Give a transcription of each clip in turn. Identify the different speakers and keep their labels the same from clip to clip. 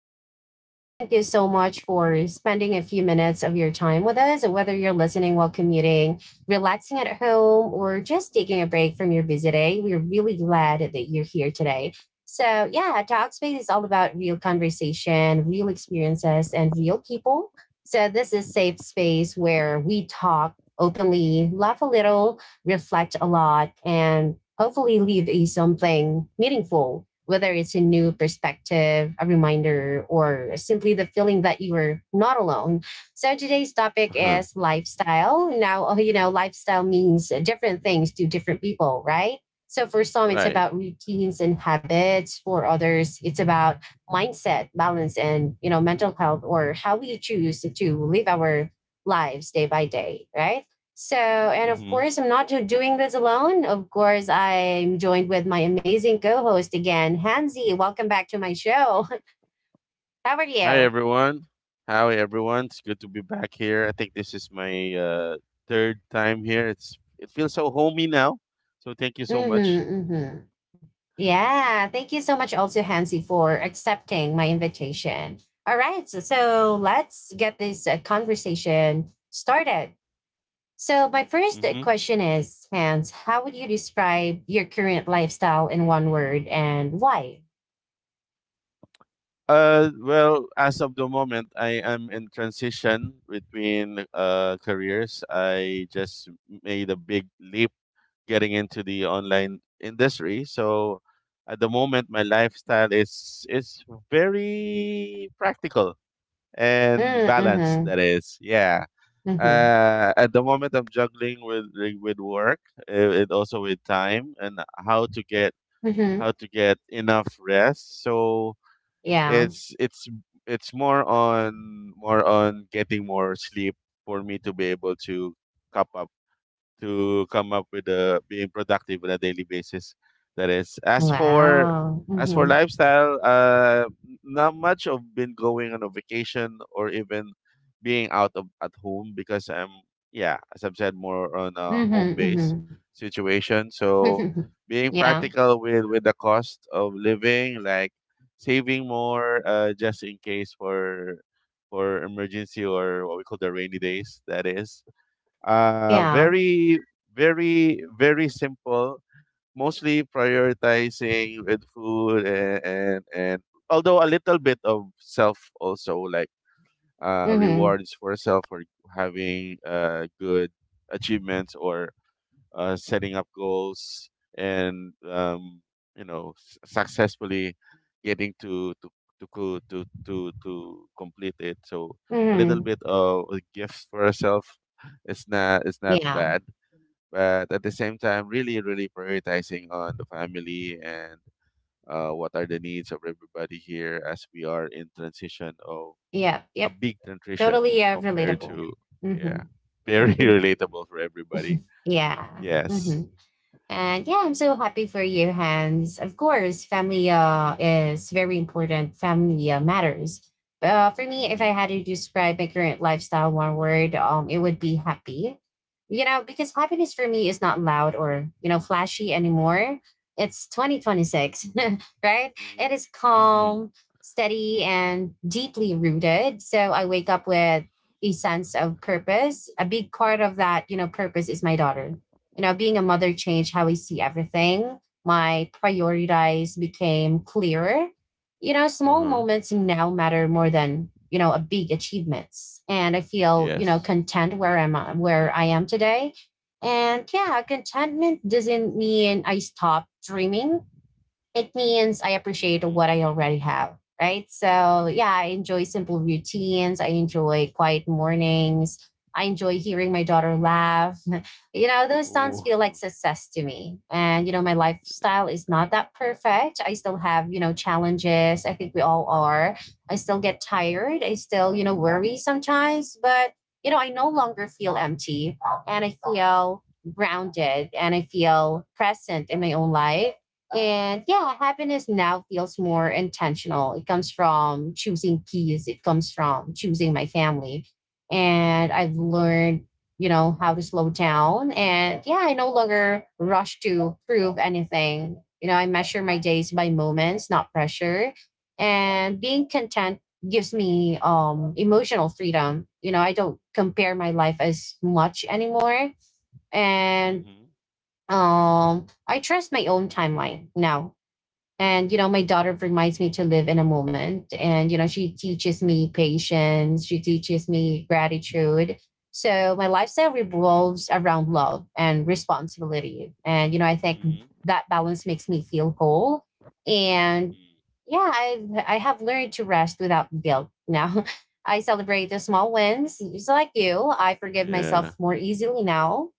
Speaker 1: host for today. Thank you so much for spending a few minutes of your time with us, and whether you're listening while commuting, relaxing at home, or just taking a break from your busy day. We're really glad that you're here today. So yeah, Talkspace is all about real conversation, real experiences, and real people. So, this is safe space where we talk openly, laugh a little, reflect a lot, and hopefully leave a something meaningful, whether it's a new perspective, a reminder, or simply the feeling that you are not alone. So today's topic
Speaker 2: Uh-huh.
Speaker 1: is lifestyle. Now, you know, lifestyle means different things to different people, right? So for some, it's
Speaker 2: Right.
Speaker 1: about routines and habits. For others, it's about mindset, balance, and you know, mental health or how we choose to live our lives day by day, right? And of
Speaker 2: Hmm.
Speaker 1: course, I'm not ju- doing this alone. Of course, I'm joined with my amazing co host again, Hansi. Welcome back to my show. How are
Speaker 2: Hi,
Speaker 1: you?
Speaker 2: everyone. How everyone? It's good to be back here. I think this is my third time here. It feels so homey now. So thank you so much.
Speaker 1: Mm-hmm, mm-hmm. Yeah, thank you so much, also, Hansi, for accepting my invitation. All right, so let's get this conversation started. So, my first
Speaker 2: Hmm.
Speaker 1: question is, Hans, how would you describe your current lifestyle in one word and why?
Speaker 2: Well, as of the moment, I am in transition between careers. I just made a big leap getting into the online industry. So at the moment, my lifestyle is very practical, and balance,
Speaker 1: Mm-hmm,
Speaker 2: that is, yeah.
Speaker 1: mm-hmm,
Speaker 2: At the moment, I'm juggling with, like, with work, and also with time, and how to get
Speaker 1: mm-hmm.
Speaker 2: how to get enough rest. So
Speaker 1: Yeah.
Speaker 2: it's it's it's more on getting more sleep for me to be able cup up to come up with a being productive on a daily basis. That is, as for
Speaker 1: Wow. Mhm.
Speaker 2: lifestyle, not much of been going on a vacation or even being out of at home, because I'm, yeah, as I've said, more on a
Speaker 1: Mhm.
Speaker 2: home base
Speaker 1: Mhm.
Speaker 2: situation. So being
Speaker 1: Yeah.
Speaker 2: practical with the cost of living, like saving more, just in case for emergency, or what we call the rainy days. That is,
Speaker 1: Yeah.
Speaker 2: very, very, very simple. Mostly prioritizing with food and, although a little bit of self also, like,
Speaker 1: Mhm.
Speaker 2: rewards for self for having good achievements, or setting up goals, and successfully getting to co- to complete it. So a little
Speaker 1: Mhm.
Speaker 2: bit of a gift for herself is not
Speaker 1: Yeah.
Speaker 2: bad, but at the same time, really, really prioritizing on the family and, what are the needs of everybody here as we are in transition of
Speaker 1: Yep.
Speaker 2: a
Speaker 1: Yep.
Speaker 2: big transition
Speaker 1: Totally
Speaker 2: compared
Speaker 1: relatable.
Speaker 2: to, yeah,
Speaker 1: Mhm.
Speaker 2: very relatable for everybody.
Speaker 1: Yeah.
Speaker 2: Yes.
Speaker 1: Mhm. And yeah, I'm so happy for you, Hans. Of course, family is very important. Family matters. For me, if I
Speaker 2: Mm-hmm.
Speaker 1: had to describe my current lifestyle in one word, it would be happy. You know, because happiness for me is not loud or you know flashy anymore. It's 2026, right? It
Speaker 2: Mhm.
Speaker 1: is
Speaker 2: Mhm.
Speaker 1: calm, steady, and deeply rooted. So I wake up with a sense of purpose. A big part of that, you know, purpose is my daughter. You know, being a mother changed how I see everything. My priorities became clearer. You know, small
Speaker 2: Uh-huh.
Speaker 1: moments now matter more than, you know, a big achievements. And I feel, you know,
Speaker 2: Yes.
Speaker 1: content where I'm where I am today. And yeah, contentment doesn't mean I stopped dreaming, it means I appreciate
Speaker 2: Mhm.
Speaker 1: what I already have, right? So, yeah, I enjoy simple routines. I enjoy quiet mornings. I enjoy hearing my daughter laugh. You know, those sounds
Speaker 2: Oh.
Speaker 1: feel like success to me. And, you know, my lifestyle is not that perfect. I still have, you know, challenges. I think we all are. I still get tired. I still, you know, worry sometimes, but, you know, I no longer feel empty and I feel grounded and I feel present in my own life. And yeah, happiness now feels more intentional. It comes from choosing peace, it comes from choosing my family. And I've
Speaker 2: Mm.
Speaker 1: learned, you know, how to slow down. And yeah, I no longer rush to prove anything. You know, I measure my days by moments, not pressure. And being content gives me emotional freedom. You know, I don't compare my life as much anymore. And
Speaker 2: Mhm.
Speaker 1: I trust my own timeline now and, you know, my daughter reminds me to live in a moment. And, you know, she teaches me patience, she teaches me gratitude. So my lifestyle revolves around love and responsibility. And, you know, I think
Speaker 2: Mhm. Mm.
Speaker 1: that balance makes me feel whole. And
Speaker 2: Mhm.
Speaker 1: yeah, I have learned to rest without guilt now. I celebrate the small wins, just like you. I forgive myself
Speaker 2: Yeah.
Speaker 1: more easily now.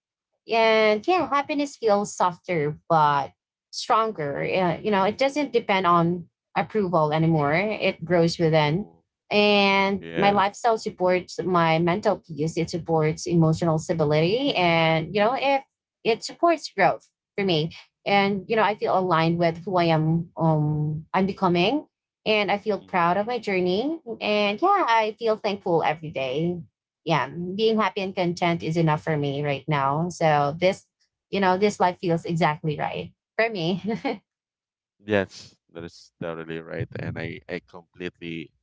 Speaker 1: And yeah, happiness feels softer but stronger. You know, it doesn't depend on approval anymore, it grows within.
Speaker 2: Oh.
Speaker 1: And my
Speaker 2: Yeah.
Speaker 1: lifestyle supports my mental peace, it supports emotional stability, and you know if it supports growth for me. And you know I feel aligned with who I am. I'm becoming and I feel proud
Speaker 2: Mhm.
Speaker 1: of my journey, and yeah, I feel thankful every day. Yeah, being happy and content is enough for me right now. So this, you know, this life feels exactly right for me.
Speaker 2: Yes, that is totally right, and I completely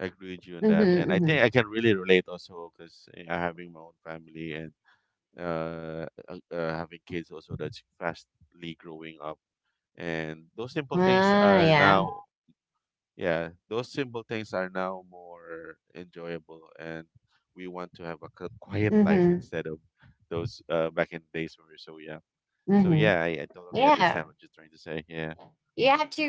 Speaker 2: agree with you on
Speaker 1: Mm-hmm,
Speaker 2: that, and I
Speaker 1: mm-hmm.
Speaker 2: think I can really relate also, because having my own family, and uh, having kids also that's fastly growing up, and those simple things
Speaker 1: Ah,
Speaker 2: are now
Speaker 1: yeah.
Speaker 2: Yeah, those simple things are now more enjoyable, and we want to have a quiet life
Speaker 1: Mm-hmm,
Speaker 2: instead of those, back in the days when we were so young. So,
Speaker 1: mm-hmm.
Speaker 2: yeah, I totally understand
Speaker 1: Yeah.
Speaker 2: what you're trying to say. Yeah,
Speaker 1: You have to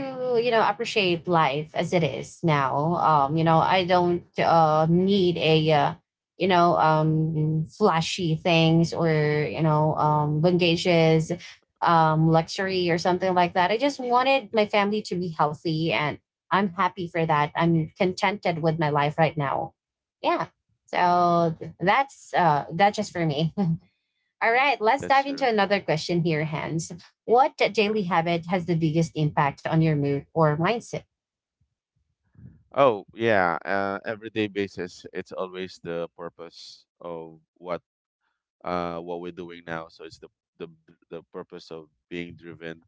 Speaker 1: you know appreciate life as it is now. You know I don't need a you know flashy things or you know bangages luxury or something like that. I just
Speaker 2: yes,
Speaker 1: wanted my family to be healthy, and I'm happy for that. I'm contented with my life right now, yeah. So that's just for me. All right, let's
Speaker 2: that's
Speaker 1: dive
Speaker 2: true.
Speaker 1: into another question here, Hans. What
Speaker 2: Sure.
Speaker 1: daily habit has the biggest impact on your mood or mindset?
Speaker 2: Oh, yeah, everyday basis, it's always the purpose of what we're doing now. So it's the the purpose of being driven.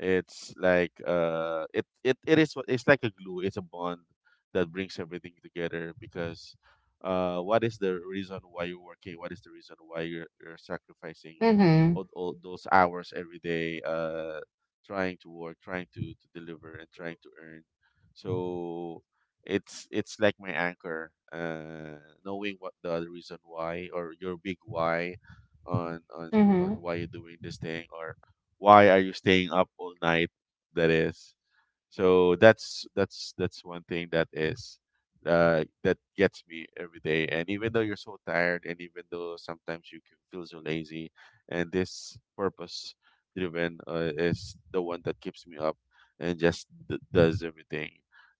Speaker 2: It's like it it it is what- It's like a glue. It's a bond that brings everything together, because, what is the reason why you're working? What is the reason why you're sacrificing
Speaker 1: Mm-hmm.
Speaker 2: all those hours every day, trying to work, trying to deliver, and trying to earn. So it's like my anchor, knowing what the other reason why, or your big why, on on on
Speaker 1: Mm-hmm.
Speaker 2: why you're doing this thing, or why are you staying up all night, that is. So that's one thing that is, that gets me every day. And even though you're so tired, and even though sometimes you can feel so lazy, and this purpose driven, is the one that keeps me up and just does everything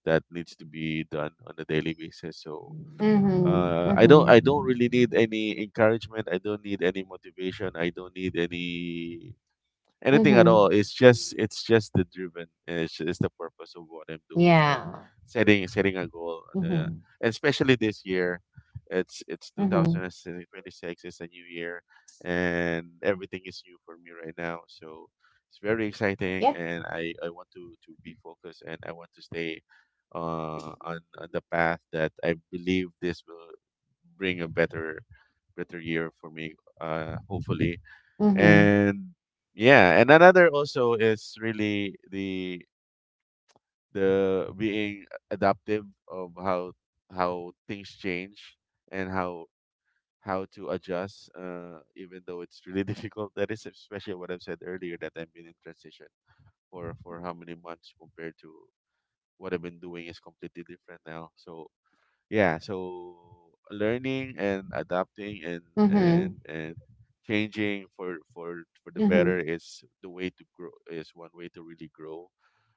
Speaker 2: that needs to be done on a daily basis. So,
Speaker 1: Mm-hmm.
Speaker 2: I don't
Speaker 1: Mm-hmm.
Speaker 2: really need any encouragement. I don't need any motivation. I don't need anything at all.
Speaker 1: Mm-hmm.
Speaker 2: It's just the driven. And it's the purpose of what I'm doing, and
Speaker 1: Yeah.
Speaker 2: setting a goal. And, uh,
Speaker 1: Mm-hmm.
Speaker 2: and especially this year, it's
Speaker 1: Mm-hmm.
Speaker 2: 2026. It's a new year, and everything is new for me right now. So it's very exciting,
Speaker 1: Yep.
Speaker 2: and I want to be focused, and I want to stay on the path that I believe this will bring a better year for me, hopefully.
Speaker 1: Mm-hmm.
Speaker 2: And, yeah, and another also is really the being adaptive of how things change, and how to adjust, even though it's really difficult. That is especially what I've said earlier, that I've been in transition for how many months, compared to what I've been doing, is completely different now. So, yeah, so learning and adapting, and and
Speaker 1: Mm-hmm.
Speaker 2: and changing for the better,
Speaker 1: Mm-hmm.
Speaker 2: is the way to grow, is one way to really grow.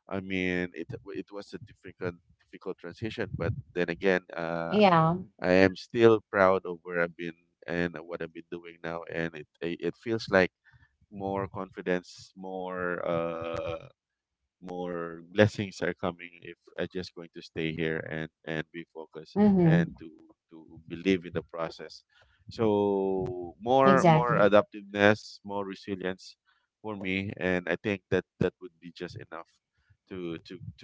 Speaker 2: I mean, it was a difficult transition, but then again,
Speaker 1: Yeah.
Speaker 2: I am still proud of where I've been and what I've been doing now, and it feels like more confidence, more, more blessings are coming if I just going to stay here and be focused, and
Speaker 1: Mm-hmm.
Speaker 2: to believe in the process. So more
Speaker 1: Exactly.
Speaker 2: adaptiveness, more resilience for me, and I think that that would be just enough to to to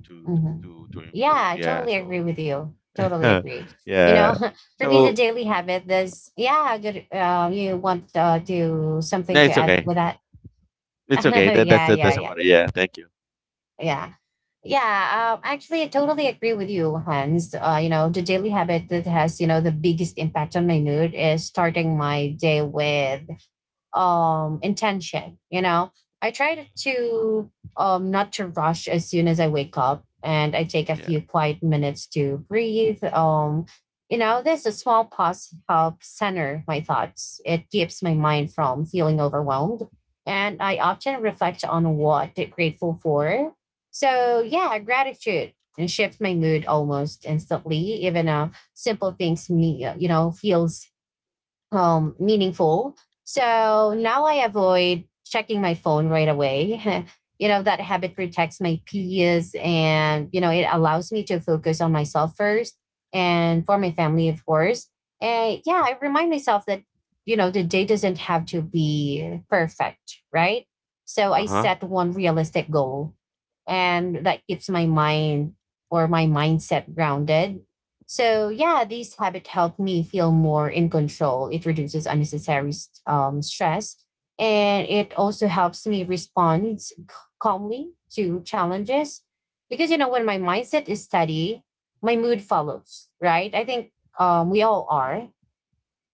Speaker 2: to to
Speaker 1: Mm-hmm.
Speaker 2: to
Speaker 1: Yeah,
Speaker 2: improve.
Speaker 1: I
Speaker 2: Yeah.
Speaker 1: totally
Speaker 2: So
Speaker 1: agree with you. Totally agree. You
Speaker 2: yeah.
Speaker 1: know, for me,
Speaker 2: So,
Speaker 1: the daily
Speaker 2: mm,
Speaker 1: habit is yeah, good. You want to
Speaker 2: no,
Speaker 1: something to
Speaker 2: it's
Speaker 1: add
Speaker 2: okay.
Speaker 1: with?
Speaker 2: It's okay. That that's
Speaker 1: Yeah,
Speaker 2: that's about it. Yeah. Thank you.
Speaker 1: yeah, yeah. Actually, I totally agree with you, Hans. You know, the daily habit that has you know the biggest impact on my mood is starting my day with intention. You know I try to not to rush as soon as I wake up, and I take a
Speaker 2: Yeah.
Speaker 1: few quiet minutes to breathe. You know there's a small pause help center my thoughts, it keeps my mind from feeling overwhelmed. And I often reflect on what they're grateful for. So yeah, gratitude and shift my mood almost instantly. Even a simple things me you know feels meaningful. So now I avoid checking my phone right away. You know, that habit protects my peace, and, you know, it allows me to focus on myself first and for my family, of course. And yeah, I remind myself that, you know, the day doesn't have to be perfect, right? So
Speaker 2: Uh
Speaker 1: I
Speaker 2: huh.
Speaker 1: set one realistic goal, and that keeps my mind or my mindset grounded. So yeah, these habits help me feel more in control. It reduces unnecessary stress, and it also helps me respond calmly to challenges. Because you know, when my mindset is steady, my mood follows. Right? I think we all are.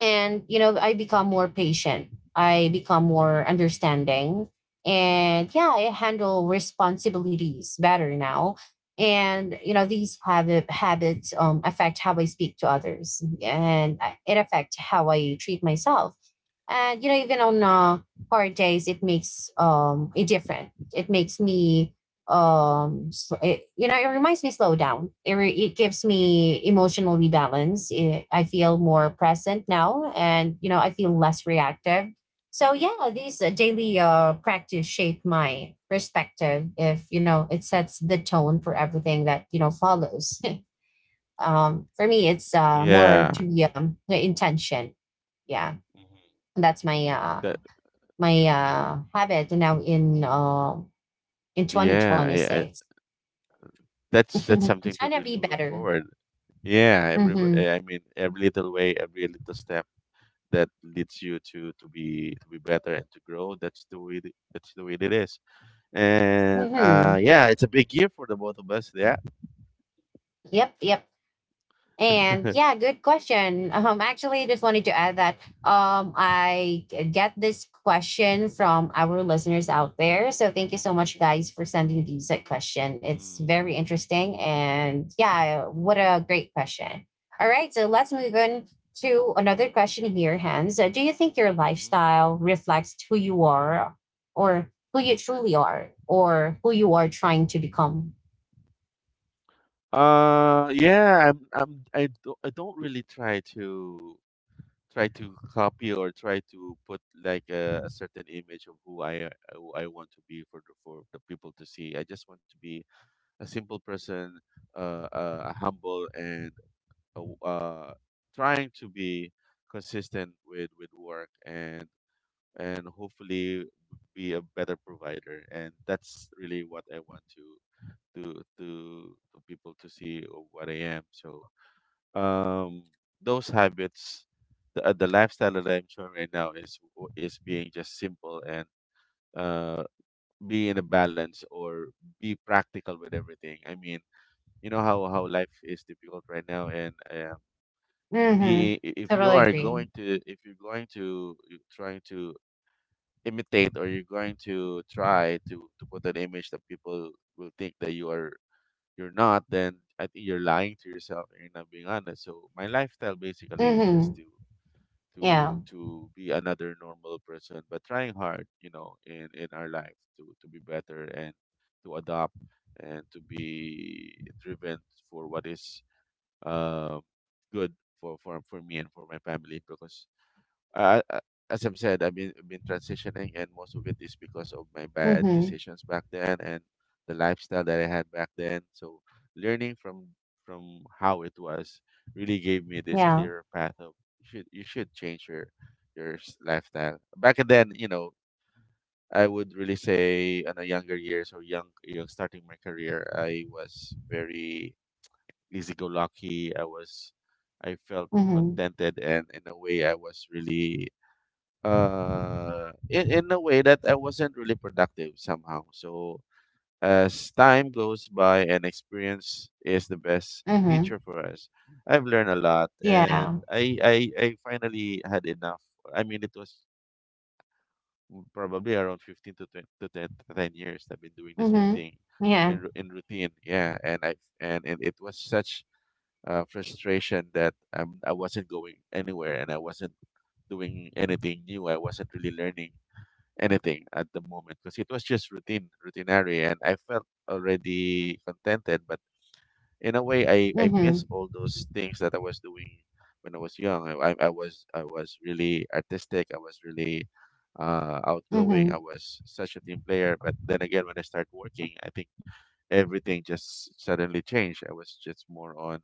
Speaker 1: And you know I become more patient, I become more
Speaker 2: Mm.
Speaker 1: understanding. And yeah, I handle responsibilities better now. And you know these habits affect how I speak to others, and it affects how I treat myself. And you know even on hard days it makes a difference. It makes me so it, you know it reminds me slow down. It gives me emotional rebalance. It, I feel more present now, and you know I feel less reactive. So yeah, these daily practice shape my perspective if you know it sets the tone for everything that you know follows. For me it's more
Speaker 2: Yeah.
Speaker 1: to be the intention, yeah.
Speaker 2: Mhm.
Speaker 1: That's my
Speaker 2: That
Speaker 1: my habit now in
Speaker 2: Yeah, yeah,
Speaker 1: 2026.
Speaker 2: that's that's something to
Speaker 1: Trying to be
Speaker 2: really look
Speaker 1: better.
Speaker 2: forward. Yeah,
Speaker 1: Mm-hmm.
Speaker 2: I mean every little way, every little step that leads you to be better and to grow. That's the way it is. And,
Speaker 1: Mm-hmm.
Speaker 2: yeah, it's a big year for the both of us. Yeah.
Speaker 1: Yep. Yep. And
Speaker 2: Mm,
Speaker 1: yeah, good question. Actually, just wanted to add that get this question from our listeners out there. So thank you so much, guys, for sending these question. It's very interesting, and yeah, what a great question. All right, so let's move on to another question here, Hans. Do you think your
Speaker 2: hmm.
Speaker 1: lifestyle reflects who you are, or who you truly are, or who you are trying to become?
Speaker 2: Yeah, I don't really try to copy, or try to put, like, a certain image of who I want to be for the people to see. I just want to be a simple person, humble, and uh, w- uh trying to be consistent with work, and hopefully be a better provider. And that's really what I want to people to see of what I am. So, um, those habits, the lifestyle that I'm showing right now is being just simple and, uh, be in a balance, or be practical with everything. I mean, you know how life is difficult right now, and,
Speaker 1: Mm-hmm.
Speaker 2: be if
Speaker 1: I
Speaker 2: you
Speaker 1: really
Speaker 2: are going
Speaker 1: agree.
Speaker 2: to if you're going to you're trying to imitate, or you're going to try to put an image that people will think that you're not, then I think you're lying to yourself, and you're not being honest. So my lifestyle basically is just
Speaker 1: Mm-hmm. Yeah.
Speaker 2: to be another normal person, but trying hard, in our life to be better, and to adopt, and to be driven for what is um good for me and for my family, because, uh, uh, as I've said, I've been transitioning, and most of it is because of my bad
Speaker 1: Mhm.
Speaker 2: decisions back then, and the lifestyle that I had back then. So learning from how it was really gave me this
Speaker 1: Yeah.
Speaker 2: clearer path of, you should change lifestyle. Back then, I would really say, on a younger years, or young starting my career, I was very easy go lucky. I felt
Speaker 1: Mhm.
Speaker 2: contented, and in a way I was really, in a way that I wasn't really productive somehow. So as time goes by, and experience is the best
Speaker 1: Mhm.
Speaker 2: teacher for us, I've learned a lot, and
Speaker 1: Yeah.
Speaker 2: I finally had enough. I mean, it was probably around 15 to 20, to ten ten 10 years that I've been doing the same
Speaker 1: Mhm.
Speaker 2: thing in
Speaker 1: Yeah.
Speaker 2: in routine. Yeah, and it was such, frustration, that, I wasn't going anywhere, and I wasn't doing anything new. I wasn't really learning anything at the moment, because it was just routine, routinary, and I felt already contented. But in a way, I miss
Speaker 1: Mhm.
Speaker 2: all those things that I was doing when I was young. I was really artistic. I was really, outgoing. I
Speaker 1: Mhm.
Speaker 2: was such a team player. But then again, when I started working, I think everything just suddenly changed. I was just more on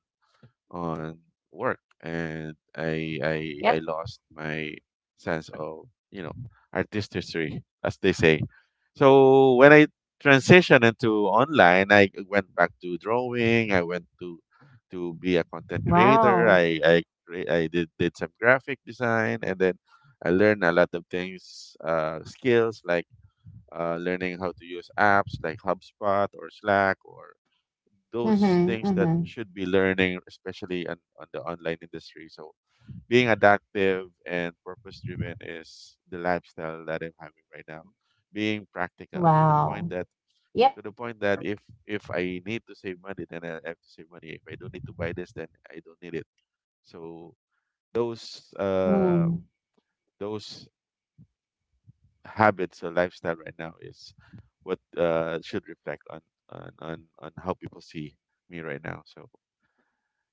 Speaker 2: on work, and I
Speaker 1: Yep.
Speaker 2: lost my sense of, you know, artistry, as they say. So when I transitioned into online, I went back to drawing, I went to be a content creator,
Speaker 1: Wow.
Speaker 2: I did some graphic design, and then I learned a lot of things, skills, like learning how to use apps like HubSpot or Slack, or those
Speaker 1: Mhm.
Speaker 2: things that
Speaker 1: Mhm.
Speaker 2: you should be learning, especially on the online industry. So being adaptive and purpose driven is the lifestyle that I'm having right now. Being practical
Speaker 1: Wow. Yep.
Speaker 2: to the point that, if I need to save money, then I have to save money. If I don't need to buy this, then I don't need it. So those uh
Speaker 1: Mm.
Speaker 2: those habits or lifestyle right now is what should reflect on on how people see me right now. So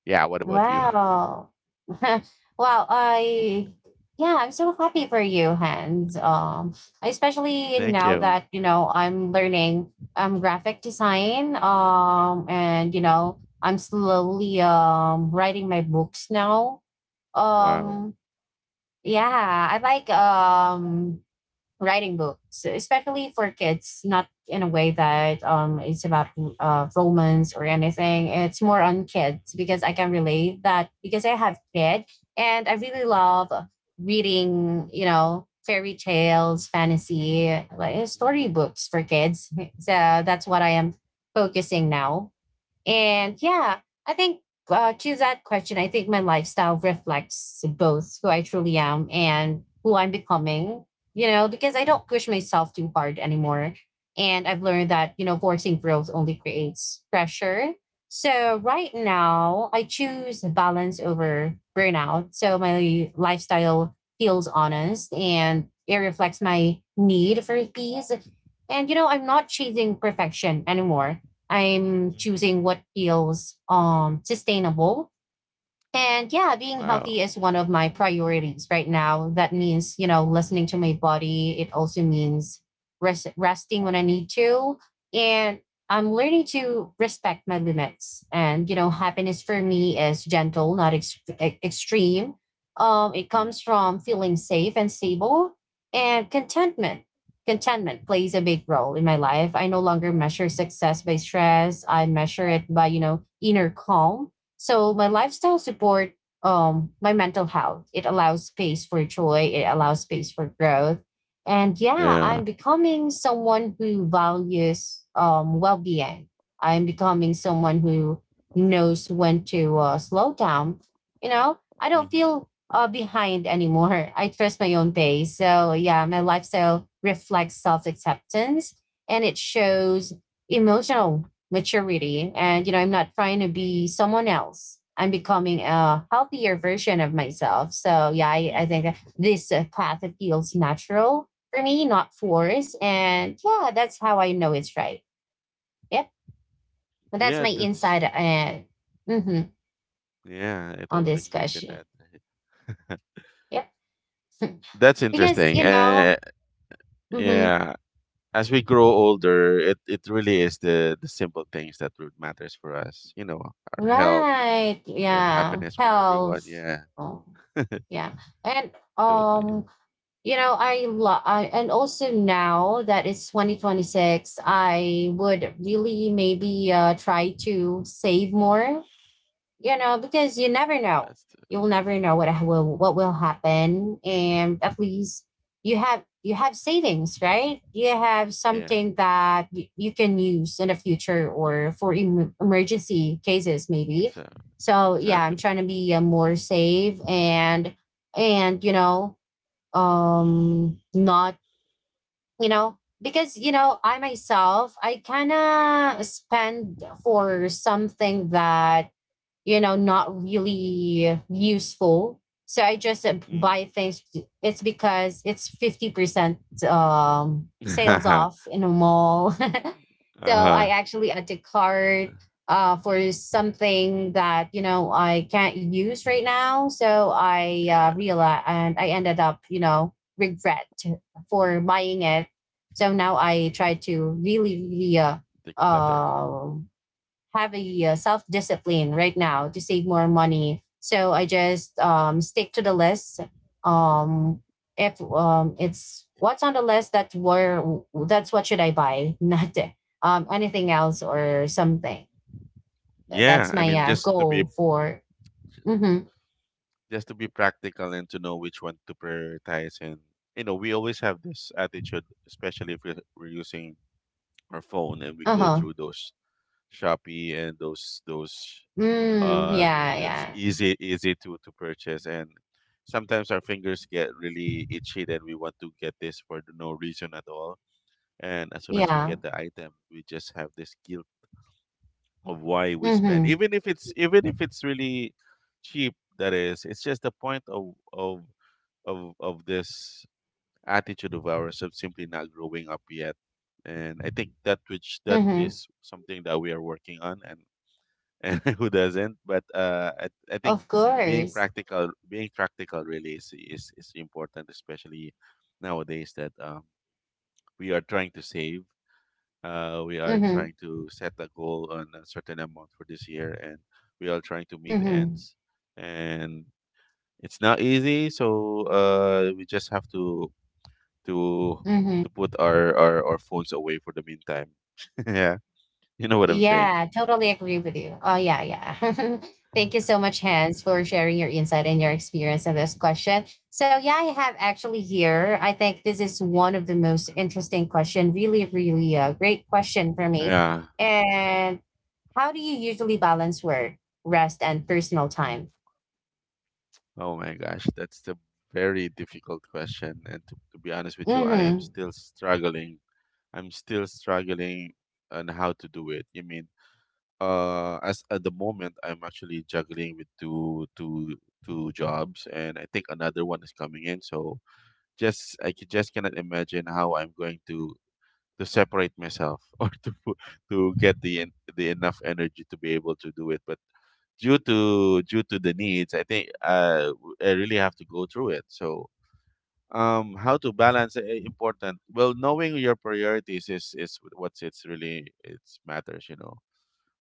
Speaker 2: yeah, what about you?
Speaker 1: Wow. Wow. I. Yeah, I'm so happy for you, Hans. Especially
Speaker 2: Thank
Speaker 1: now
Speaker 2: you.
Speaker 1: that you know I'm learning graphic design. And you know I'm slowly writing my books now.
Speaker 2: Wow.
Speaker 1: Um, Yeah, I like writing books, especially for kids, not in a way that it's about romance or anything. It's more on kids because I can relate that because I have kid, and I really love reading, you know, fairy tales, fantasy, like storybooks for kids. So that's what I am focusing now. And yeah, I think to that question, I think my lifestyle reflects both who I truly am and who I'm becoming, you know, because I don't push myself too hard anymore. And I've learned that, you know, forcing growth only creates pressure. So right now, I choose balance over burnout. So my lifestyle feels honest and it reflects my need for peace. And, you know, I'm not chasing perfection anymore. I'm
Speaker 2: Mhm.
Speaker 1: choosing what feels sustainable. And yeah, being
Speaker 2: Wow.
Speaker 1: healthy is one of my priorities right now. That means, you know, listening to my body. It also means rest, resting when I need to. And I'm learning to respect my limits. And, you know, happiness for me is gentle, not extreme. It comes
Speaker 2: Mm.
Speaker 1: from feeling safe and stable and contentment. Contentment plays a big role in my life. I no longer measure success by stress. I measure it by, you know, inner calm so my lifestyle support my mental health. It allows space for joy, it allows space for growth. And yeah,
Speaker 2: Yeah.
Speaker 1: I'm becoming someone who values well-being. I'm becoming someone who knows when to slow down. You know, I don't
Speaker 2: Mhm.
Speaker 1: feel behind anymore. I trust my own pace. So yeah, my lifestyle reflects self-acceptance and it
Speaker 2: Mhm.
Speaker 1: shows emotional maturity. And, you know, I'm not trying to be someone else. I'm becoming a healthier version of myself. So, yeah, I think
Speaker 2: Mhm.
Speaker 1: that this path it feels natural for me, not forced. And yeah, that's how I know it's right. Yep. But that's
Speaker 2: Yeah,
Speaker 1: my
Speaker 2: that's
Speaker 1: insight mhm,
Speaker 2: yeah, I
Speaker 1: on
Speaker 2: totally
Speaker 1: this
Speaker 2: agree with you
Speaker 1: question.
Speaker 2: on that.
Speaker 1: Yep.
Speaker 2: That's
Speaker 1: because,
Speaker 2: interesting.
Speaker 1: you know, mhm,
Speaker 2: Yeah, as we grow older, it really is the simple things that really matters for us. You know, our health,
Speaker 1: Right. Yeah.
Speaker 2: happiness for everyone.
Speaker 1: Health.
Speaker 2: Yeah,
Speaker 1: Oh, yeah. And
Speaker 2: totally.
Speaker 1: um you know, I love, and also now that it's 2026, I would really maybe try to save more, you know, because you never know.
Speaker 2: That's the,
Speaker 1: You'll never know what ha- will what will happen, and at least you have savings, right? You have
Speaker 2: yeah,
Speaker 1: something that you can use in the future or for emergency cases, maybe.
Speaker 2: exa
Speaker 1: So yeah, I'm
Speaker 2: exactly.
Speaker 1: trying to be more safe and you know not you know because you know I myself I kind of spend for something that you know not really useful, so I just
Speaker 2: Mm.
Speaker 1: buy things it's because it's 50% sales off in a mall. So I
Speaker 2: Uh-huh.
Speaker 1: actually declared for something that you know I can't use right now. So I
Speaker 2: Yeah,
Speaker 1: realized, and I ended up you know regret for buying it. So now I try to really really
Speaker 2: the clutter.
Speaker 1: uh have a self discipline right now to save more money. So I just stick to the list. Um, if it's what's on the list that where that's what should I buy, not anything else or something. That's
Speaker 2: Yeah, I
Speaker 1: my
Speaker 2: mean
Speaker 1: goal for. Mm-hmm,
Speaker 2: just to be practical and to know which one to prioritize, and you know, we always have this attitude, especially if we're using our phone and we
Speaker 1: uh
Speaker 2: go
Speaker 1: huh.
Speaker 2: through those Shopee and those
Speaker 1: Mm,
Speaker 2: uh
Speaker 1: yeah,
Speaker 2: it's
Speaker 1: yeah,
Speaker 2: easy to purchase, and sometimes our fingers get really itchy that we want to get this for no reason at all, and as soon as we
Speaker 1: yeah.
Speaker 2: get the item we just have this guilt of why we spend,
Speaker 1: Mm-hmm,
Speaker 2: even if it's really cheap. That is it's just the point of this attitude of ours of simply not growing up yet. And I think that which that
Speaker 1: mm-hmm.
Speaker 2: is something that we are working on, and who doesn't, but I think
Speaker 1: Of course.
Speaker 2: being practical really is important, especially nowadays that we are trying to save, we are
Speaker 1: Mm-hmm,
Speaker 2: trying to set a goal on a certain amount for this year, and we are trying to meet
Speaker 1: mm-hmm,
Speaker 2: ends. And it's not easy, so we just have to
Speaker 1: mm-hmm.
Speaker 2: to put our phones away for the meantime. Yeah, you know what I'm saying.
Speaker 1: Yeah, totally agree with you. Oh, yeah, yeah. Thank you so much, Hans, for sharing your insight and your experience on this question. So, yeah, I have actually here. I think this is one of the most interesting question. Really, really a great question for me.
Speaker 2: Yeah.
Speaker 1: And how do you usually balance work, rest, and personal time?
Speaker 2: Oh my gosh, that's the very difficult question. And to be honest with you, I am
Speaker 1: Mm-hmm.
Speaker 2: still struggling. I'm still struggling on how to do it. You mean as at the moment I'm actually juggling with two jobs, and I think another one is coming in. So just just cannot imagine how I'm going to separate myself or to get the enough energy to be able to do it. But due to the needs, I think I really have to go through it. So how to balance, important well knowing your priorities is what's it's really it's matters, you know.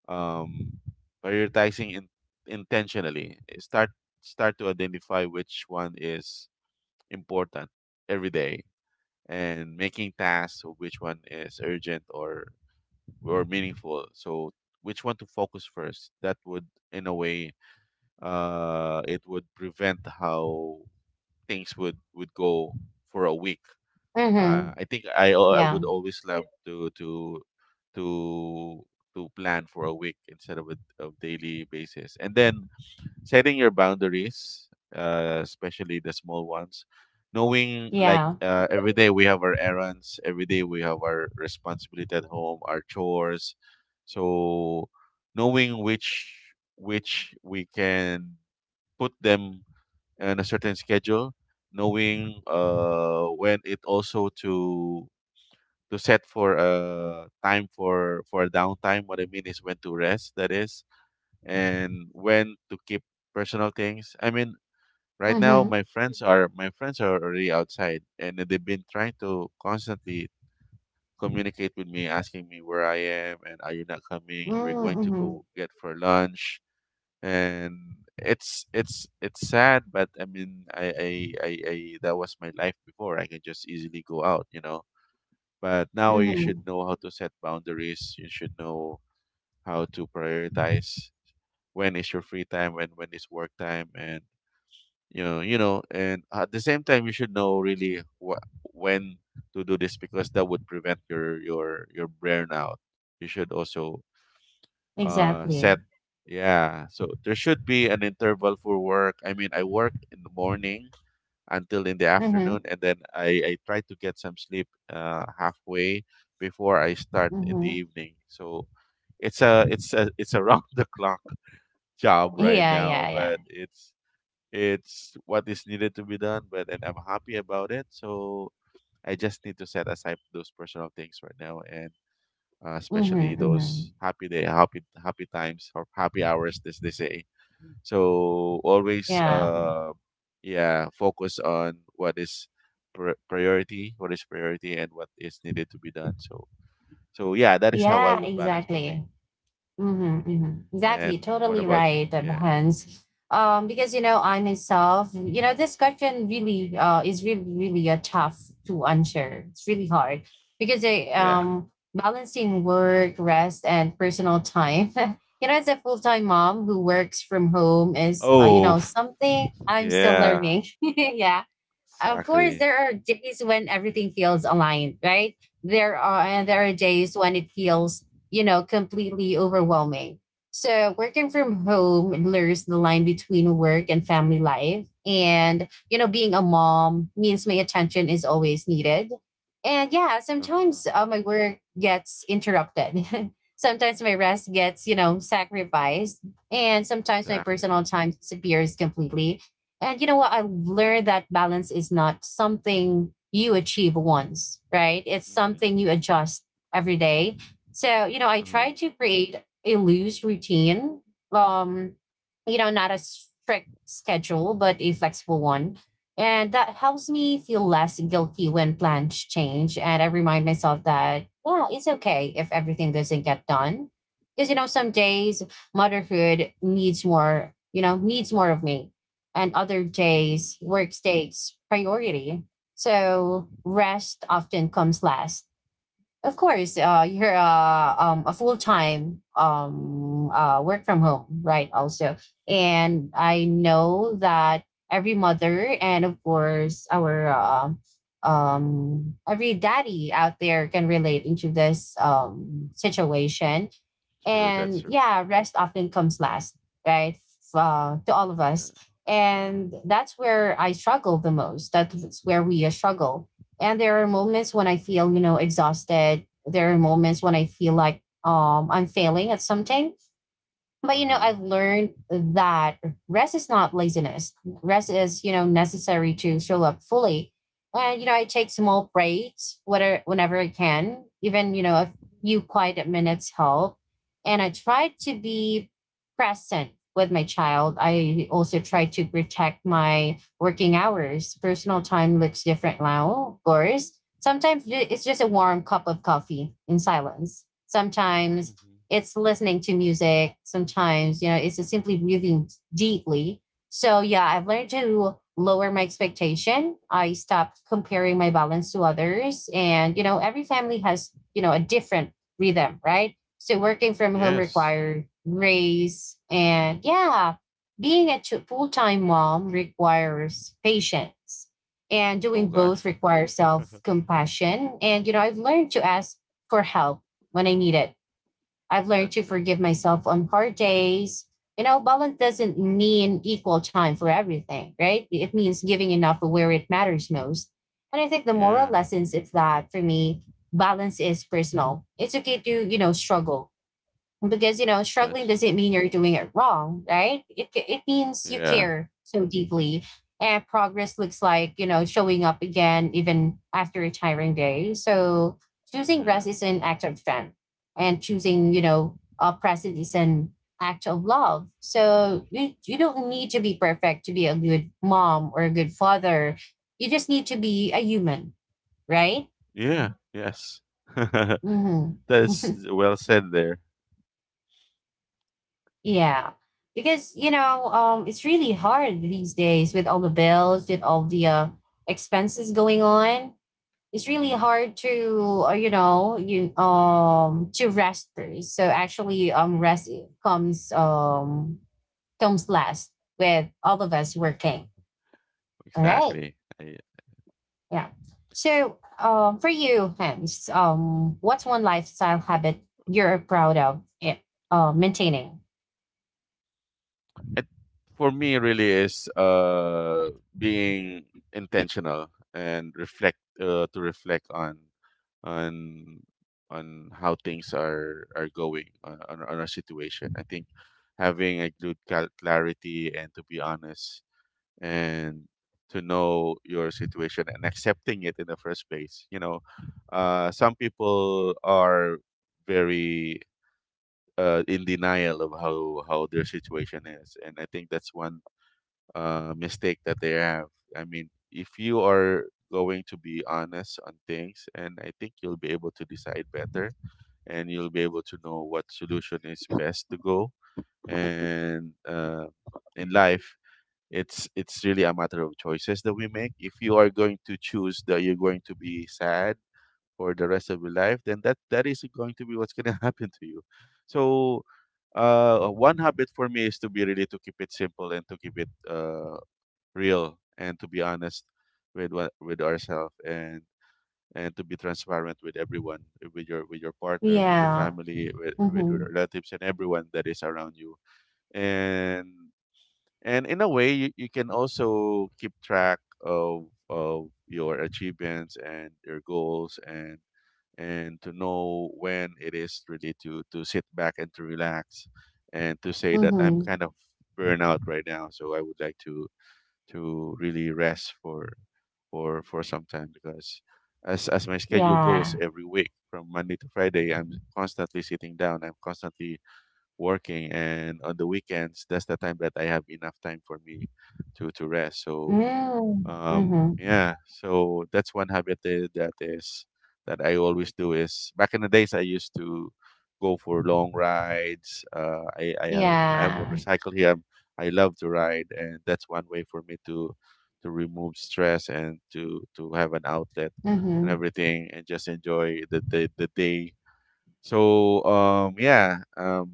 Speaker 2: um, Prioritizing in, intentionally start start to identify which one is important every day, and making tasks of which one is urgent or meaningful. So which one to focus first, that would in a way it would prevent how things would go for a week.
Speaker 1: Mm-hmm.
Speaker 2: I think I would
Speaker 1: Yeah.
Speaker 2: always love to to plan for a week instead of a of daily basis. And then setting your boundaries, especially the small ones, knowing like
Speaker 1: Yeah.
Speaker 2: every day we have our errands, every day we have our responsibility at home, our chores. So knowing which we can put them on a certain schedule, knowing when it also to set for a time for downtime. What I mean is when to rest, that is, and when to keep personal things. I mean, right now
Speaker 1: Mm-hmm.
Speaker 2: my friends are already outside, and they've been trying to constantly communicate with me, asking me where I am, and are you not coming? We are going to
Speaker 1: Mm-hmm.
Speaker 2: go get for lunch? And it's sad, but I mean, I that was my life before. I can just easily go out, you know, but now you
Speaker 1: Mm-hmm.
Speaker 2: should know how to set boundaries. You should know how to prioritize when is your free time and when is work time, and you know, and at the same time, you should know really when to do this, because that would prevent your burnout. You should also
Speaker 1: Exactly.
Speaker 2: set yeah. So there should be an interval for work. I mean, I work in the morning until in the afternoon,
Speaker 1: Mm-hmm.
Speaker 2: and then I try to get some sleep halfway before I start in the
Speaker 1: Mm-hmm.
Speaker 2: evening. So it's a it's a it's a round the clock job right
Speaker 1: Yeah.
Speaker 2: now,
Speaker 1: Yeah. Yeah.
Speaker 2: but it's what is needed to be done. But and I'm happy about it. So I just need to set aside those personal things right now, and especially
Speaker 1: Mm-hmm. Mm-hmm.
Speaker 2: those happy day, happy times or happy hours, as they say. So always,
Speaker 1: Yeah.
Speaker 2: yeah, focus on what is priority, and what is needed to be done. So, so yeah, that is how I
Speaker 1: Yeah,
Speaker 2: would balance for me.
Speaker 1: exactly. Hmm, hmm, exactly.
Speaker 2: And what
Speaker 1: Totally
Speaker 2: about you?
Speaker 1: right,
Speaker 2: Yeah,
Speaker 1: Hans. Because you know, I myself, you know, this question really is really, really a tough to answer. It's really hard because I
Speaker 2: yeah.
Speaker 1: balancing work, rest, and personal time. You know, as a full-time mom who works from home is you
Speaker 2: Oh,
Speaker 1: know, something I'm still
Speaker 2: yeah,
Speaker 1: learning. Yeah, of course
Speaker 2: exactly.
Speaker 1: there are days when everything feels aligned, right?
Speaker 2: Hmm.
Speaker 1: There are days when it feels, you know, completely overwhelming. So working from home blurs the line between work and family life, and you know being a mom means my attention is always needed. And yeah,
Speaker 2: Uh huh.
Speaker 1: sometimes my work gets interrupted. Sometimes my rest gets, you know, sacrificed, and sometimes my
Speaker 2: Exactly.
Speaker 1: personal time disappears completely. And you know what? I learned that balance is not something you achieve once, right? It's
Speaker 2: Mm-hmm.
Speaker 1: something you adjust every day. So, you know, I
Speaker 2: Uh huh.
Speaker 1: try to create a loose routine. Um, you know, not a strict schedule, but a flexible one. And that helps me feel less guilty when plans change. And I remind myself that, well, it's okay if everything doesn't get done. Because, you know, some days motherhood needs more, you know, needs more of me and other
Speaker 2: Mm-hmm.
Speaker 1: days, work takes priority. So rest often comes last. Of course, you're a full time work from home, right? Also, and I know that every mother and of course our every daddy out there can relate into this situation
Speaker 2: True. That's
Speaker 1: and
Speaker 2: true.
Speaker 1: yeah rest often comes last, right? To all of us,
Speaker 2: Yeah.
Speaker 1: and that's where I struggle the most. That's where we struggle, and there are moments when I feel, you know, exhausted. There are moments when I feel like I'm failing at something. But
Speaker 2: Uh
Speaker 1: you know,
Speaker 2: huh.
Speaker 1: I've learned that rest is not laziness. Rest is, you know, necessary to show up fully. And you know, I take small breaks whether whenever I can, even, you know, a few quiet minutes help. And I try to be present with my child. I also try to protect my working hours. Personal time looks different now, of course. Sometimes it's just a warm cup of coffee in silence. Sometimes
Speaker 2: Mm-hmm.
Speaker 1: it's listening to music, sometimes, you know, it's just simply breathing deeply. So yeah, I've learned to lower my expectation. I stopped comparing my balance to others. And, you know, every family has, you know, a different rhythm, right? So working from home
Speaker 2: Yes.
Speaker 1: required grace. And yeah, being a full time mom requires patience. And
Speaker 2: Oh
Speaker 1: doing both
Speaker 2: gosh.
Speaker 1: requires self compassion. And, you know, I've learned to ask for help when I need it. I've learned to
Speaker 2: That's true.
Speaker 1: forgive myself on hard days. You know, balance doesn't mean equal time for everything, right? It means giving enough where it matters most. And I think the moral
Speaker 2: Yeah.
Speaker 1: lessons is that for me, balance is personal. It's okay to, you know, struggle because you know struggling
Speaker 2: That's
Speaker 1: doesn't mean you're doing it wrong, right? It means you
Speaker 2: yeah.
Speaker 1: care so deeply, and progress looks like, you know, showing up again even after a tiring day. So choosing
Speaker 2: Yeah.
Speaker 1: rest is an act of strength, and choosing, you know, present is an act of love. So you don't need to be perfect to be a good mom or a good father. You just need to be a human, right?
Speaker 2: Yeah. Yes.
Speaker 1: Mm-hmm.
Speaker 2: That's well said there.
Speaker 1: Yeah. Because, you know, it's really hard these days with all the bills, with all the expenses going on. It's really
Speaker 2: Hmm.
Speaker 1: hard to, you know, you to rest first. So actually, rest comes um comes last with all of us working. All right.
Speaker 2: Exactly.
Speaker 1: Yeah. So, for you, Hans, what's one lifestyle habit you're proud of, maintaining?
Speaker 2: It, for me, really is being intentional and reflect to reflect on on how things are going on, on our situation. I think having a good clarity and to be honest, and to know your situation and accepting it in the first place. You know, some people are very in denial of how their situation is, and I think that's one mistake that they have. I mean, if you are going to be honest on things, and I think you'll be able to decide better, and you'll be able to know what solution is best to go, and in life, it's really a matter of choices that we make. If you are going to choose that you're going to be sad for the rest of your life, then that is going to be what's going to happen to you. So, one habit for me is to be really to keep it simple and to keep it real, and to be honest with what with ourselves, and to be transparent with everyone, with your partner, with your
Speaker 1: Yeah.
Speaker 2: family, with your
Speaker 1: Mm-hmm.
Speaker 2: relatives, and everyone that is around you. And and in a way, you can also keep track of your achievements and your goals, and to know when it is really to sit back and to relax, and to say that I'm
Speaker 1: Mm-hmm.
Speaker 2: kind of burnout right now, so I would like to really rest for some time. Because as my schedule goes
Speaker 1: Yeah.
Speaker 2: every week from Monday to Friday, I'm constantly sitting down. I'm constantly working, and on the weekends that's the time that I have enough time for me to rest. So
Speaker 1: Mm. Mhm.
Speaker 2: yeah, so that's one habit that, that is that I always do is back in the days I used to go for long rides. I I have a
Speaker 1: Yeah.
Speaker 2: motorcycle here. I'm, I love to ride, and that's one way for me to remove stress and to have an outlet and
Speaker 1: Mhm.
Speaker 2: everything, and just enjoy the day. So yeah,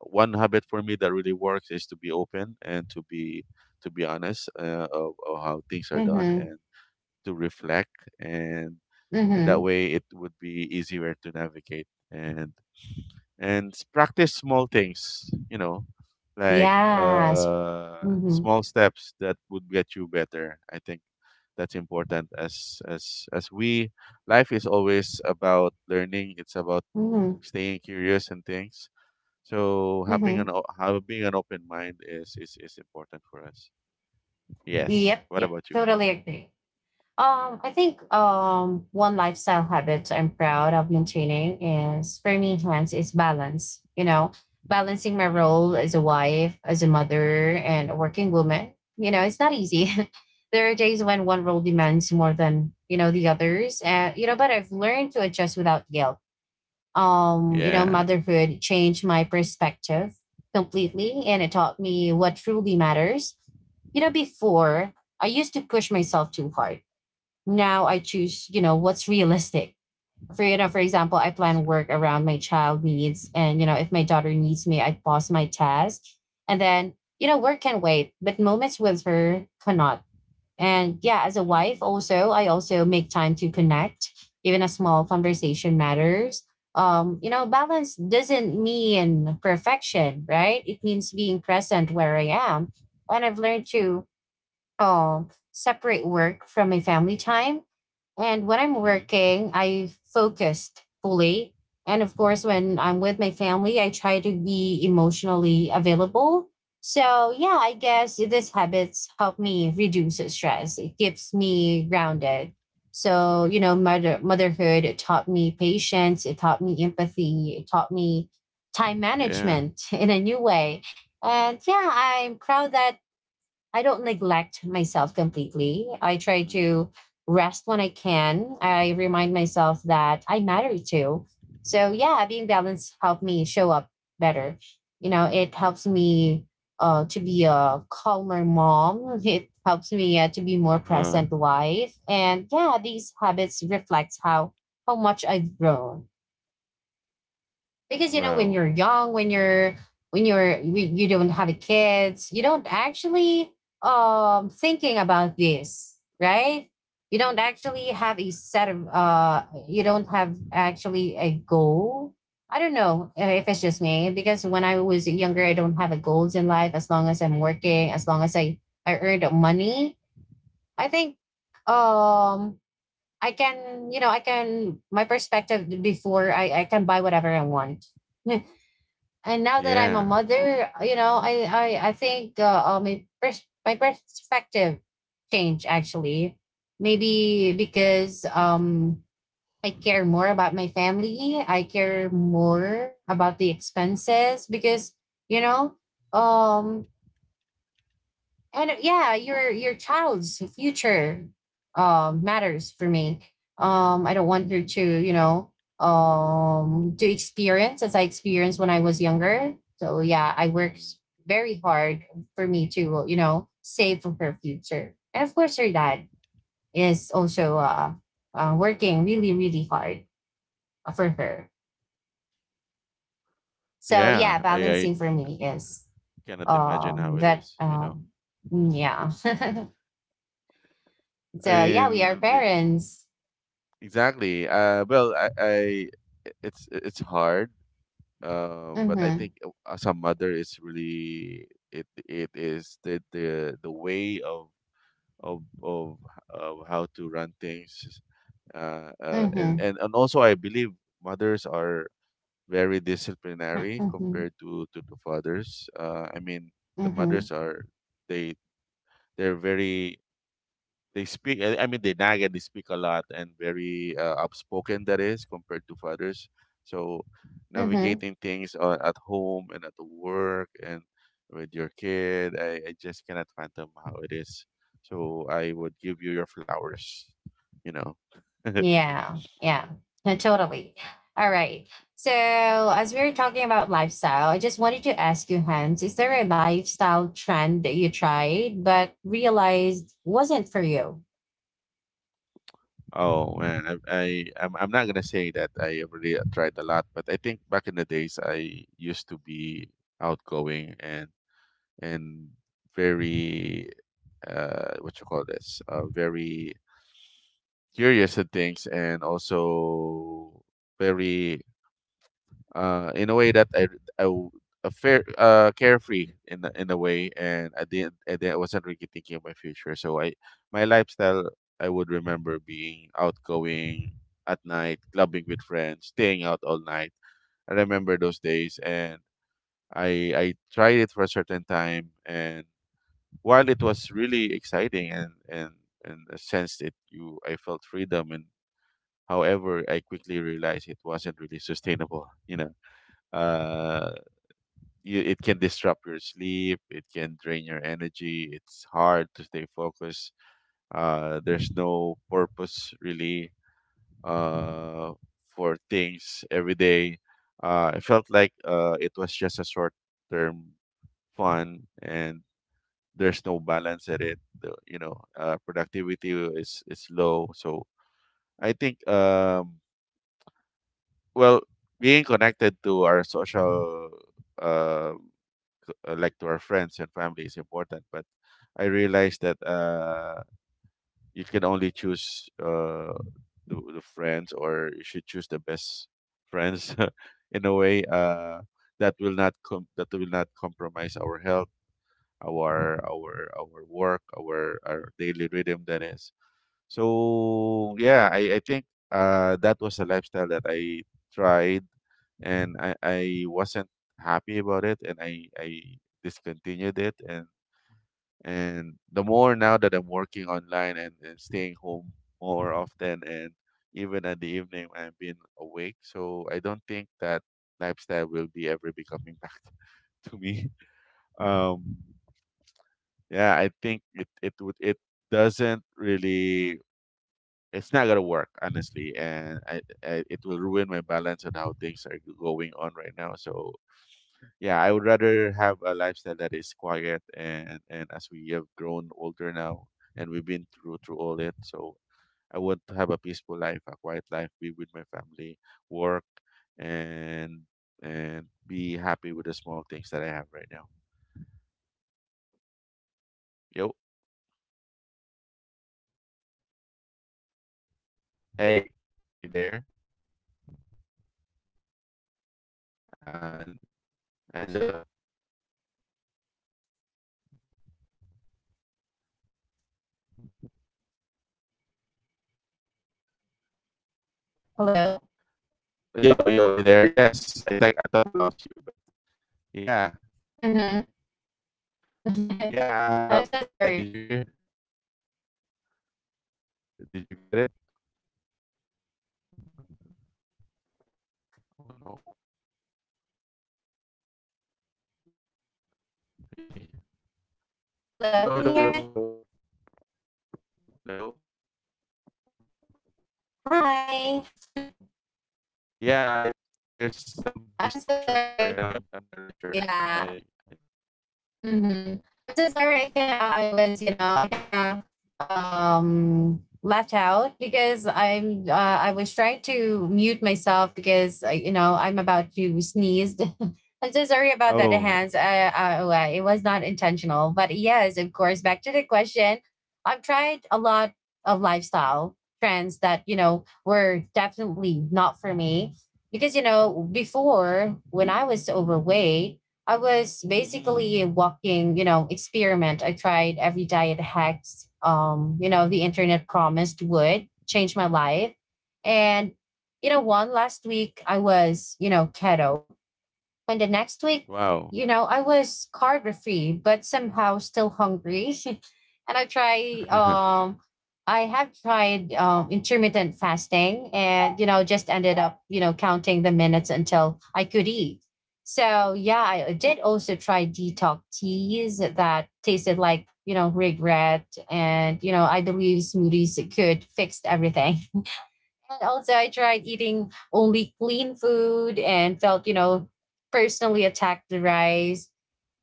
Speaker 2: one habit for me that really works is to be open and to be honest of how things are done,
Speaker 1: Mhm.
Speaker 2: and to reflect and in that
Speaker 1: Mhm.
Speaker 2: way it would be easier to navigate, and practice small things, you know, like
Speaker 1: Yes. Mhm.
Speaker 2: small steps that would get you better. I think that's important as we life is always about learning, it's about
Speaker 1: Mhm.
Speaker 2: staying curious and things. So having
Speaker 1: Mhm.
Speaker 2: having an open mind is is important for us. Yes.
Speaker 1: Yep.
Speaker 2: What
Speaker 1: Yep.
Speaker 2: about you?
Speaker 1: Totally agree. I think one lifestyle habit I'm proud of maintaining is for me, hence, is balance. You know,
Speaker 2: Mm,
Speaker 1: balancing my
Speaker 2: mm,
Speaker 1: role as a wife, as a mother, and a working woman. You know, it's not easy. There are days when one role demands more than you know the others, and you know, but I've learned to adjust without guilt. You know,
Speaker 2: yeah.
Speaker 1: motherhood changed my perspective completely, and it taught me what truly matters. You know, before I used to push myself
Speaker 2: Mm,
Speaker 1: too hard, now I choose, you know, what's realistic. For you know, for example, I
Speaker 2: that's
Speaker 1: plan
Speaker 2: true.
Speaker 1: work around my child needs. And, you know, if my daughter needs me, I pause my task. And then, you know, work can wait, but moments with her cannot. And yeah, as a wife
Speaker 2: Mm,
Speaker 1: also, I also make time to connect. Even a small conversation matters. You know, balance doesn't mean perfection, right? It means being present where I am. And I've learned to separate work from my family time, and when I'm
Speaker 2: mm,
Speaker 1: working, I focused fully. And of course, when I'm with my family, I try to be emotionally available. So, yeah, I guess these habits help me reduce stress. It keeps me grounded. So, you know, motherhood it taught me patience, it taught me empathy, it taught me time
Speaker 2: yeah.
Speaker 1: management in a new way. And yeah, I'm proud that I don't neglect myself completely. I try
Speaker 2: Mm,
Speaker 1: to rest when I can. I remind myself that I matter too. So yeah, being balanced helped me show up better. You know, it helps me to be a calmer mom. It helps me to be more
Speaker 2: uh huh.
Speaker 1: present wife. And yeah, these habits reflect how much I've grown. Because you know, when
Speaker 2: Wow.
Speaker 1: you're young, when you don't have kids, you don't actually thinking about this, right? You don't actually
Speaker 2: It's,
Speaker 1: have a set of you don't have actually a goal. I don't know if it's just me, because when I was
Speaker 2: uh,
Speaker 1: younger, I don't have a goals in life. As long as I'm working, as
Speaker 2: mm,
Speaker 1: long as I earned money, I think um I can, you know, I can, my perspective before, I can buy whatever I want. And now that I'm a
Speaker 2: yeah.
Speaker 1: mother, you know, I think my perspective changed actually. Maybe because I care more about my family. I care more about the expenses because you
Speaker 2: Mm,
Speaker 1: know um and yeah, your child's future matters for me. I don't want her to, you know, to experience as I experienced when I was younger. So yeah, I worked
Speaker 2: mm,
Speaker 1: very hard for me to, you know, save for her future. And of course, her dad is also working really really hard for her. So yeah,
Speaker 2: yeah. I
Speaker 1: balancing for me is
Speaker 2: cannot imagine how it
Speaker 1: that
Speaker 2: is. You know.
Speaker 1: yeah. So
Speaker 2: I
Speaker 1: yeah, we are
Speaker 2: mean,
Speaker 1: parents.
Speaker 2: exactly. Well, I it's hard, but I
Speaker 1: Mm-hmm.
Speaker 2: think as a mother, it's really it is the way of of of how to run things.
Speaker 1: Mm-hmm.
Speaker 2: And also, I believe mothers are very disciplinary
Speaker 1: Mm-hmm.
Speaker 2: compared to the fathers. I mean, the
Speaker 1: Mm-hmm.
Speaker 2: mothers are they they're very they speak, I mean, they nag and they speak a lot, and very outspoken, that is, compared to fathers. So,
Speaker 1: Mm-hmm.
Speaker 2: navigating things at home and at work and with your kid, I just cannot fathom how it is. So, I would give you your flowers, you know.
Speaker 1: Yeah. Yeah. No, totally. All right. So as we were talking about lifestyle, I just wanted to ask you, Hans, is there a lifestyle trend that you tried but realized wasn't for you?
Speaker 2: Oh man, I'm not gonna say that I really tried a lot, but I think back in the days I used to be outgoing and very what you call this, very curious at things and also very in a way that I w- a fair carefree in a way, and I wasn't really thinking of my future. So I my lifestyle, I would remember being outgoing at night, clubbing with friends, staying out all night. I remember those days and I tried it for a certain time, and while it was really exciting and a sense that you I felt freedom, and however I quickly realized it wasn't really sustainable. You know uh you, it can disrupt your sleep, it can drain your energy, it's hard to stay focused. There's no purpose really uh for things every day. I felt like it was just a short
Speaker 1: Mm-hmm.
Speaker 2: term fun, and
Speaker 1: Yeah.
Speaker 2: there's no balance at it. Productivity
Speaker 1: Mm-hmm.
Speaker 2: is
Speaker 1: Mm-hmm.
Speaker 2: low. So I think, well, being connected
Speaker 1: Mm-hmm.
Speaker 2: to our social, uh, like to our friends and family is important. But I realized that you can only choose the friends, or you should choose the best friends in a way that will not com- that will not compromise our health, our work, our daily rhythm, that is. So yeah, I think that was a lifestyle that I tried, and I wasn't
Speaker 1: Mm-hmm.
Speaker 2: happy about it, and I discontinued it. And the
Speaker 1: Yeah.
Speaker 2: more now that I'm working online and staying home more often, and even at the evening I've been awake. So I don't think that lifestyle will be ever be coming back to me.
Speaker 1: Yeah.
Speaker 2: Um
Speaker 1: Mm-hmm. Mm-hmm.
Speaker 2: yeah, I think it doesn't really, it's not gonna work honestly, and I it will
Speaker 1: Yeah.
Speaker 2: ruin my balance on how things are going on right now. So yeah, I would rather have a lifestyle that is quiet, and as we have grown older now and we've been through all it,
Speaker 1: Mm-hmm.
Speaker 2: so I want to have a peaceful life, a quiet life, be with my family, work, and
Speaker 1: Um,
Speaker 2: and be happy with the small things that I have right now.
Speaker 1: yeah, exactly,
Speaker 2: Yo,
Speaker 1: exactly. So yeah, I totally agree with you. But of course, to
Speaker 2: hey,
Speaker 1: do
Speaker 2: you
Speaker 1: back
Speaker 2: there?
Speaker 1: to the yeah. Can you hear me?
Speaker 2: And Angela.
Speaker 1: Hello.
Speaker 2: Yo, yo, you there? Yes, I think I thought I lost you, but yeah,
Speaker 1: Mm-hmm.
Speaker 2: yeah,
Speaker 1: I'm so
Speaker 2: yeah. Did
Speaker 1: sorry.
Speaker 2: you hear? Did you get it? Oh no, really?
Speaker 1: Hello. Can you hear
Speaker 2: Hello,
Speaker 1: me?
Speaker 2: hello, hello, hello, hello.
Speaker 1: Hi.
Speaker 2: Yeah, I, there's some
Speaker 1: I'm so
Speaker 2: distortion
Speaker 1: sorry.
Speaker 2: right now. I, I'm not really sure.
Speaker 1: Yeah.
Speaker 2: I
Speaker 1: Mm-hmm. I'm so sorry. I was, you know, I kind of left out because I'm. I was trying to mute myself because I, you know, I'm about to sneeze. I'm so sorry about that,
Speaker 2: oh,
Speaker 1: hands. Well, it was not intentional, but yes, of course. Back to the question. I've tried a lot of lifestyle trends that, you know, were definitely not for me. Because you know, before when I was overweight, I was
Speaker 2: mm,
Speaker 1: basically a walking, you know, experiment. I tried every diet hacks, you know, the internet promised would change my life. And, you know, one last week I was, you know, keto. And the next week,
Speaker 2: wow,
Speaker 1: you know, I was carb free, but somehow still hungry. And I try, um, I have tried, intermittent fasting and, you know, just ended up, you know, counting the minutes until I could eat. So, yeah, I did also try detox teas that tasted like, you know, regret. And, you know, I believe smoothies could fix everything. And also, I tried eating only clean food and felt, you know, personally attacked the rice.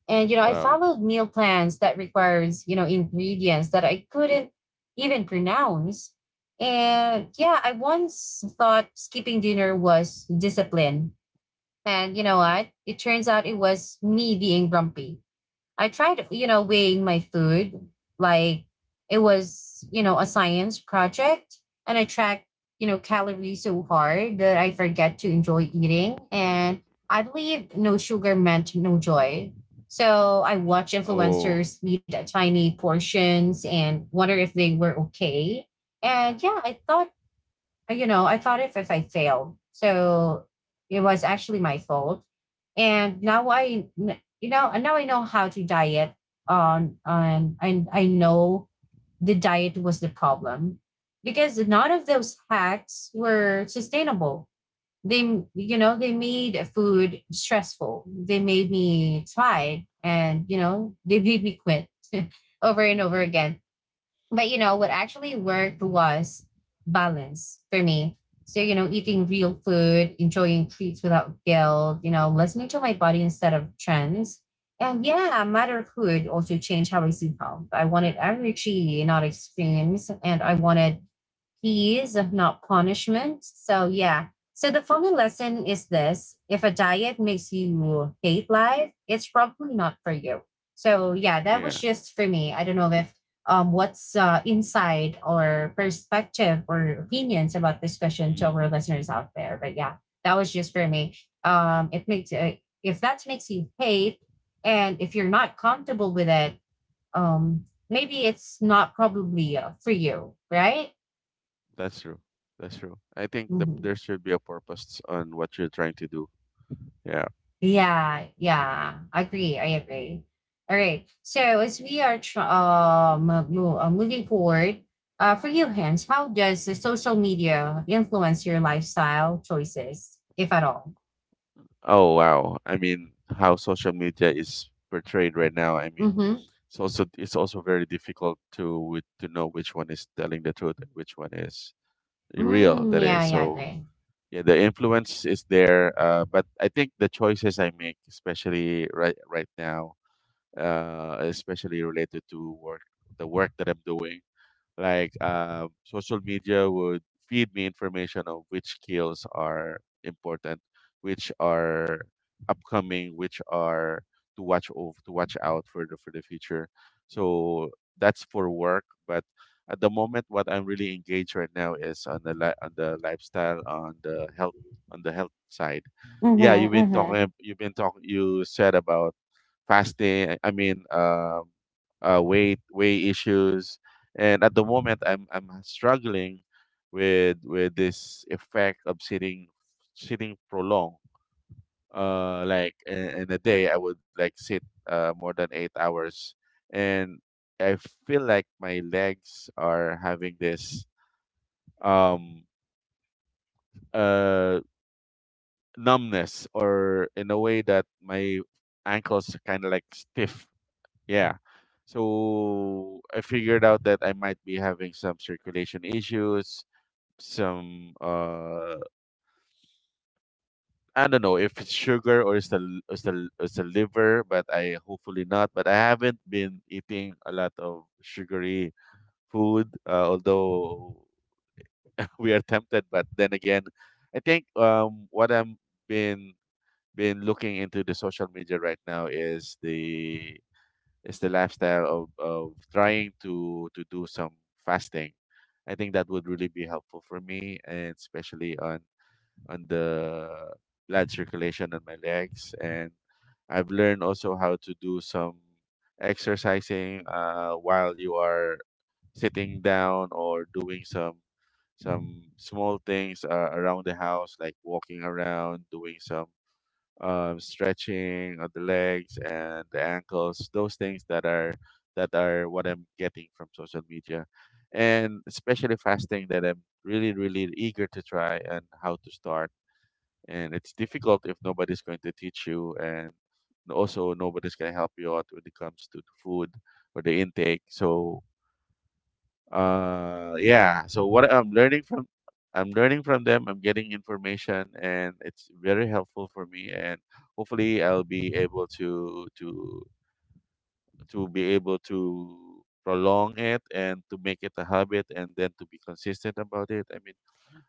Speaker 1: And, you know, I
Speaker 2: wow.
Speaker 1: followed meal plans that requires, you know, ingredients that I couldn't even pronounce. And yeah, I once thought skipping dinner was discipline. And you know
Speaker 2: Mm.
Speaker 1: what? It turns out it was me being grumpy. I tried, you know, weighing my food like it was, you know, a science project, and I tracked, you know, calories so hard that I forget to enjoy eating, and I believe no sugar meant no joy. So I watch
Speaker 2: Oh.
Speaker 1: influencers eat at tiny portions and wonder if they were okay. And yeah, I thought, you know, I thought if I failed, so it was actually my fault. And now you know, and now I know how to diet and I know the diet was the problem. Because none of those hacks were sustainable. You know, they made food stressful. They made me try, and you know, they made me quit over and over
Speaker 2: Mhm.
Speaker 1: again. But you know, what actually worked was balance for me. So, you know, eating
Speaker 2: Mhm.
Speaker 1: real food, enjoying treats without guilt, you know, listening to my body instead of trends. And yeah, motherhood also changed how I see health. I wanted energy, not experience, and I wanted peace, not punishment. So yeah. So the funny lesson is this: if a diet makes you hate life, it's probably not for you. So yeah, that was
Speaker 2: Yeah.
Speaker 1: just for me. I don't know if, what's insight or perspective or opinions about this question to
Speaker 2: Mm.
Speaker 1: our listeners out there. But yeah, that was just for me. It makes if that makes you hate, and if you're not comfortable with it, maybe it's not probably for you, right?
Speaker 2: That's true. That's true. I think the,
Speaker 1: Mhm.
Speaker 2: there should be a purpose on what you're trying to do. Yeah.
Speaker 1: Yeah, yeah, agree. I agree. All right. So as we are moving forward, for you, Hans, how does the social media influence your lifestyle choices, if at all?
Speaker 2: Oh wow. I mean, how social media is portrayed right now, I mean,
Speaker 1: Mm-hmm.
Speaker 2: it's also very difficult to to know which one is telling the truth and which one is real,
Speaker 1: Mm,
Speaker 2: that
Speaker 1: yeah,
Speaker 2: is.
Speaker 1: yeah, I
Speaker 2: So,
Speaker 1: agree.
Speaker 2: yeah, the influence is there, but I think the choices I make, especially right now, especially related to work, the work that I'm doing. Like social media would feed me information of which skills are important, which are upcoming, which are to watch over, to watch out for the future. So that's for work, but at the moment, what I'm really engaged right now is on on the lifestyle, on the health side. Yeah, you've
Speaker 1: Mm-hmm.
Speaker 2: been
Speaker 1: Mm-hmm.
Speaker 2: talking. You've been talking. You said about fasting. I mean, weight issues, and at the moment, I'm struggling with with this effect of sitting prolonged. Like in a day, I would like sit more than 8 hours, and I feel like my legs are having this um uh numbness or in a way that my ankles kind of like stiff. Yeah. So I figured out that I might be having some circulation issues, some uh, I don't know if it's sugar or it's it's the liver, but I hopefully not. But I haven't been eating a lot of
Speaker 1: Uh-huh.
Speaker 2: sugary food, although
Speaker 1: Sugar food?
Speaker 2: we are tempted. But then again, I think what I'm been been looking into the social media right now is the lifestyle of trying to do some fasting. I think that would really be helpful for me, and especially on the blood circulation on my legs. And I've
Speaker 1: Yeah.
Speaker 2: learned also how to do some exercising, while you are sitting down, or doing some small things
Speaker 1: Mm-hmm.
Speaker 2: around the house, like walking around, doing some
Speaker 1: Yeah.
Speaker 2: stretching on the legs and the ankles. Those things that are what I'm getting from social media, and especially fasting that I'm really eager to try, and how to start. And it's difficult if nobody's going to teach you, and also nobody's going to help you out when it comes to the food or
Speaker 1: Yeah.
Speaker 2: the intake. So
Speaker 1: Totally agree.
Speaker 2: yeah, so what I'm learning from them, I'm getting information, and it's very helpful for me. And hopefully I'll be able to be able to prolong it and to make it a habit and then to be consistent about it. I mean,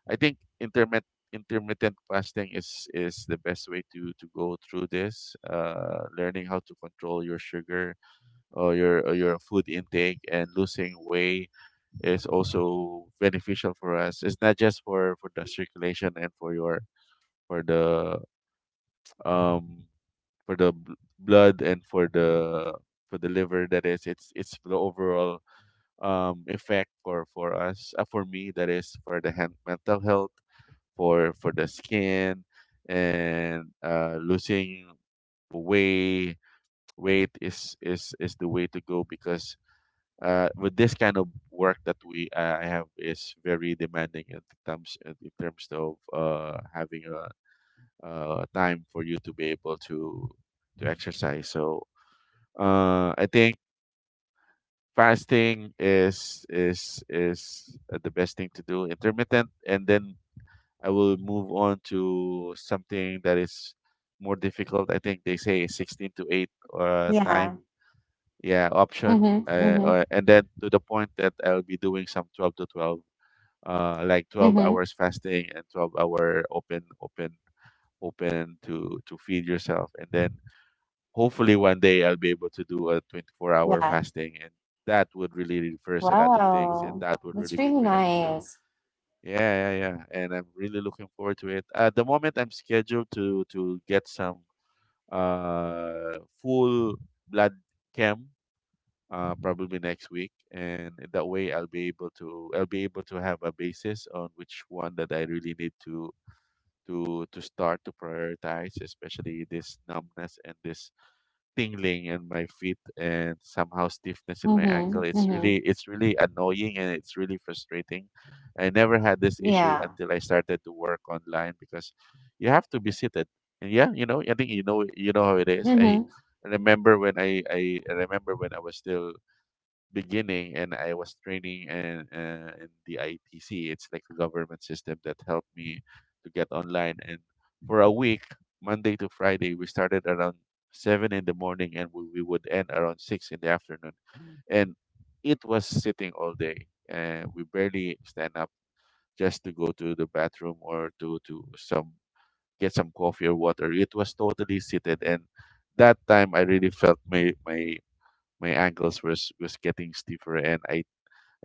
Speaker 2: I think intermittent fasting is the best way to go through this, uh, learning how to control your sugar, or your food intake, and losing weight is also beneficial for us. It's not just for the circulation and for your for the um for blood and for the liver, that is. It's the overall effect for us, for me that is, for the hand, mental health, for the skin, and uh, losing weight weight is is the way to go. Because with this kind of work that we I have is very demanding in terms in terms of having uh, time for you to be able to exercise. So uh, I think fasting is is the best thing to do. Intermittent, and then I will move on to something that is more difficult. I think they say 16 to eight time.
Speaker 1: Yeah.
Speaker 2: Yeah, option.
Speaker 1: Mm-hmm.
Speaker 2: Or,
Speaker 1: Mm-hmm.
Speaker 2: and then to the point that I'll be doing some 12 to 12, like 12
Speaker 1: Mm-hmm.
Speaker 2: hours fasting and 12-hour open, open to feed yourself. And then hopefully one day I'll be able to do a 24-hour
Speaker 1: Yeah.
Speaker 2: fasting. And that would really reverse a lot of things, and
Speaker 1: Wow.
Speaker 2: that would
Speaker 1: That's
Speaker 2: really be
Speaker 1: really
Speaker 2: beneficial.
Speaker 1: nice.
Speaker 2: Yeah, yeah, yeah. And I'm really looking forward to it. At the moment, I'm scheduled to get some full blood. Camp probably next week, and in that way I'll be able to have a basis on which one that I really need to start to prioritize, especially this numbness and this tingling in my feet, and somehow stiffness in my ankle.
Speaker 1: Mhm,
Speaker 2: It's
Speaker 1: mhm.
Speaker 2: really annoying and it's really frustrating. I never had this issue
Speaker 1: Yeah.
Speaker 2: until I started to work online, because you have to be seated. And yeah, you know, I think you know, you know how it is. I
Speaker 1: Mhm.
Speaker 2: remember when I was still beginning, and I was training in the ITC. It's like a government system that helped me to get online. And for a week, Monday to Friday, we started around seven in the morning, and we would end around six in the afternoon. And it was sitting all day. And we barely stand up, just to go to the bathroom or to some get some coffee or water. It was totally seated. And that time I really felt my ankles was getting stiffer, and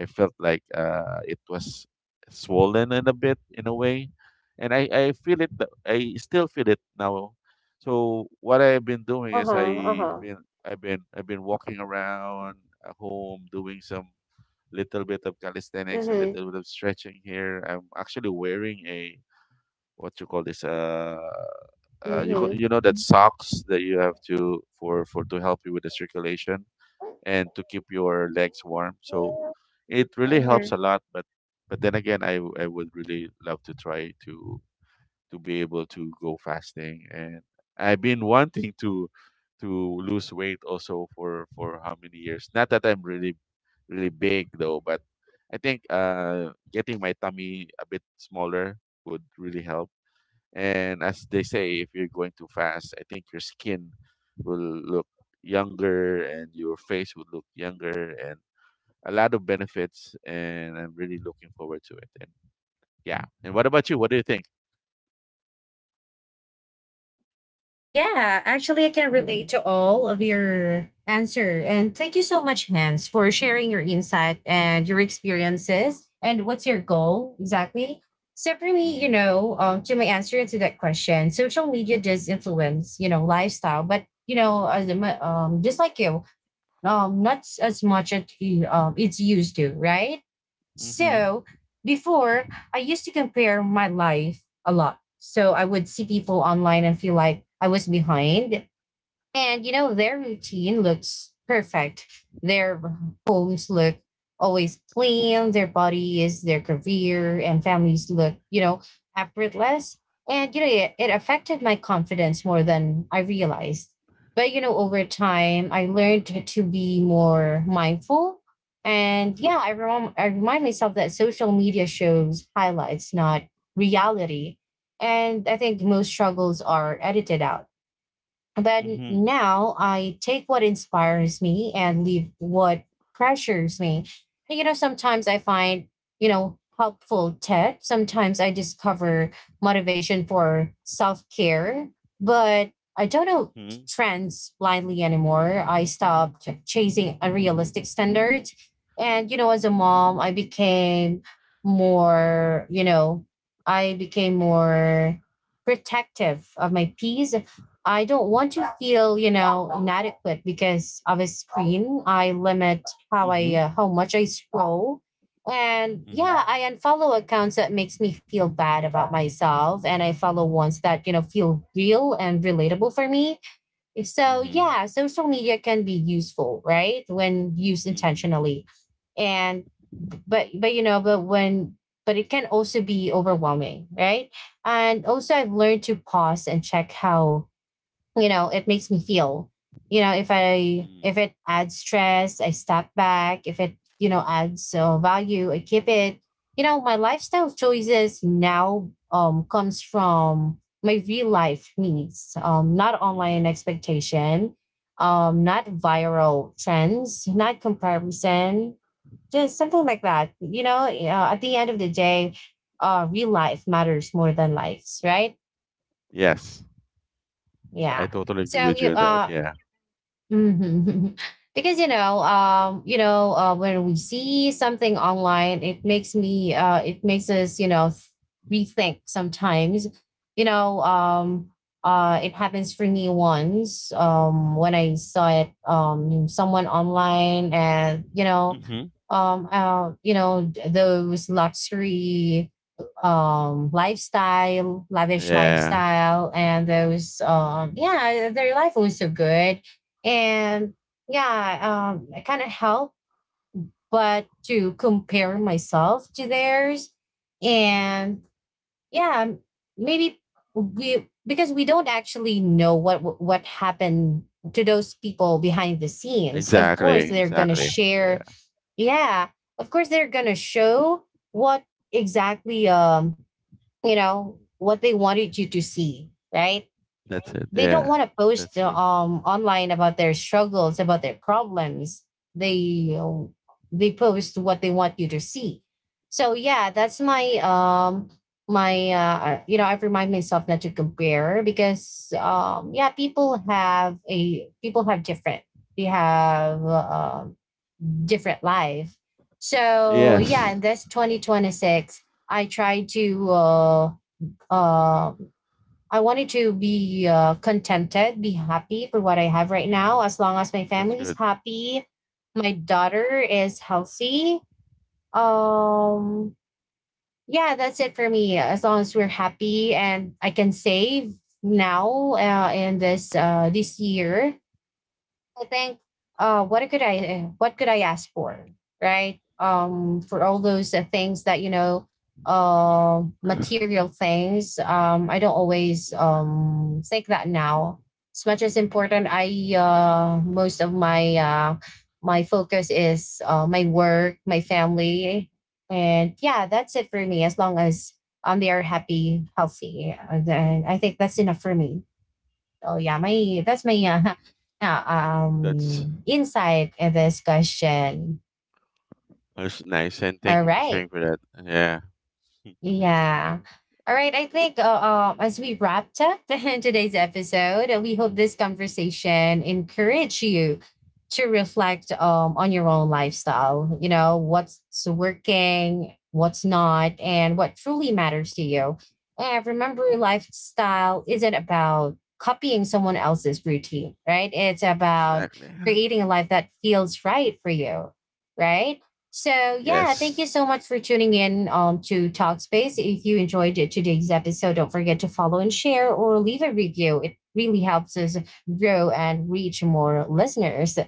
Speaker 2: I felt like it was swollen in a bit in a way, and I feel it. I still feel it now. So what I've been doing is
Speaker 1: Uh-huh, uh-huh.
Speaker 2: been I've been walking around at home, doing some little bit of calisthenics, a
Speaker 1: Mhm,
Speaker 2: little bit of stretching here. I'm actually wearing a what you call this
Speaker 1: mhm.
Speaker 2: you know, that socks that you have to for to help you with the circulation and to keep your legs warm. So it really helps
Speaker 1: Mhm.
Speaker 2: a lot. But then again, I would really love to try to be able to go fasting. And I've been wanting to lose weight also for how many years. Not that I'm really big though, but I think uh, getting my tummy a bit smaller would really help. And as they say, if you're going too fast, I think your skin will look younger, and your face would look younger, and a lot of benefits. And I'm really looking forward to it. And yeah. And what about you? What do you think?
Speaker 1: Yeah, actually, I can relate to all of your answer. And thank you so much, Hans, for sharing your insight and your experiences and what's your goal exactly. So for me, you
Speaker 2: Mm-hmm.
Speaker 1: know, to my answer to that question, social media does influence, you know, lifestyle. But you know, as a, just like you, not s- as much as he, it's used to, right?
Speaker 2: Mm-hmm.
Speaker 1: So before, I used to compare my life a lot. So I would see people online and feel like I was behind. And you know, their routine looks perfect. Their homes look always clean, their bodies, their career, and families look, you know, effortless. And you know, it affected my confidence more than I realized. But you know, over time, I learned to be more mindful. And yeah, I remind myself that social media shows highlights, not reality. And I think most struggles are edited out. But
Speaker 2: Mm-hmm.
Speaker 1: now I take what inspires me and leave what pressures me. And, you know, sometimes I find, you know, helpful tips. Sometimes I discover motivation for self care, but I don't know
Speaker 2: Mm-hmm.
Speaker 1: trends blindly anymore. I stopped chasing unrealistic standards. And, you know, as a mom, more, you know, I became more protective of my peace. I don't want to feel, you know, inadequate because of a screen. I limit how I how much I scroll. And
Speaker 2: Mm-hmm.
Speaker 1: yeah, I unfollow accounts that makes me feel bad about myself, and I follow ones that, you know, feel real and relatable for me. So,
Speaker 2: Mm-hmm.
Speaker 1: yeah, social media can be useful, right? When used
Speaker 2: Mm-hmm.
Speaker 1: intentionally. And but you know, but when but it can also be overwhelming, right? And also I've learned to pause and check how, you know, it makes me feel. You know, if it adds stress, I step back. If it, you know, adds, value, I keep it. You know, my lifestyle choices now, comes from my real life needs, um, not online
Speaker 2: Mm-hmm.
Speaker 1: expectation, um, not viral trends, not comparison, just something like that. You know, at the end of the day, real life matters more than likes, right?
Speaker 2: Yes, I
Speaker 1: Yeah.
Speaker 2: totally agree
Speaker 1: So
Speaker 2: with
Speaker 1: you
Speaker 2: you on that.
Speaker 1: uh,
Speaker 2: Yeah.
Speaker 1: hmm. Because you know, when we see something online, it makes us, you know, rethink sometimes. You know, it happens for me once, when I saw it, someone online, and
Speaker 2: Mm-hmm.
Speaker 1: you know, those luxury, lifestyle, lavish
Speaker 2: Yeah,
Speaker 1: lifestyle, and those, yeah, their life was so good. And yeah, um, I kind of help but to compare myself to theirs. And yeah, maybe we, because we don't actually know what happened to those people behind the scenes. Of course,
Speaker 2: exactly,
Speaker 1: they're gonna
Speaker 2: exactly.
Speaker 1: share.
Speaker 2: Yeah,
Speaker 1: Yeah, of course, they're gonna show what, exactly, um, you know, what they wanted you to see, right?
Speaker 2: that's it.
Speaker 1: They don't
Speaker 2: Yeah,
Speaker 1: want to post,
Speaker 2: that's true.
Speaker 1: online, about their struggles, about their problems. they uh, they post what they want you to see. So yeah, that's my you know, I have remind myself not to compare, because um, yeah, people have different, they have, different life. So yeah,
Speaker 2: Yes.
Speaker 1: in this 2026, I try to uh I wanted to be, contented, be happy for what I have right now. As long as my
Speaker 2: That's
Speaker 1: family is
Speaker 2: good.
Speaker 1: happy, my daughter is healthy. Um, yeah, that's it for me. As long as we're happy and I can save now,
Speaker 2: Hmm.
Speaker 1: in this, this year, I think, what could I ask for, right? For all those, things that, you know, material things. I don't always um, think that now. As much as important, I, most of my, my focus is, my work, my family, and yeah, that's it for me. As long as, um, they are happy, healthy, then I think that's enough for me. So yeah, my that's my, yeah,
Speaker 2: That's
Speaker 1: um, insight in this question.
Speaker 2: that's nice, and thank
Speaker 1: All
Speaker 2: you for sharing
Speaker 1: right.
Speaker 2: for that. Yeah,
Speaker 1: Yeah. All right. I think, as we wrapped up today's episode, we hope this conversation encouraged you to reflect, on your own lifestyle. You know, what's working, what's not, and what truly matters to you. And remember, lifestyle isn't about copying someone else's routine, right? It's about
Speaker 2: exactly.
Speaker 1: creating a life that feels right for you, right? So, yeah, thank you
Speaker 2: Yes.
Speaker 1: so much for tuning in, to Talkspace. If you enjoyed it- today's episode, don't forget to follow and share or leave a review. It really helps us grow and reach more listeners.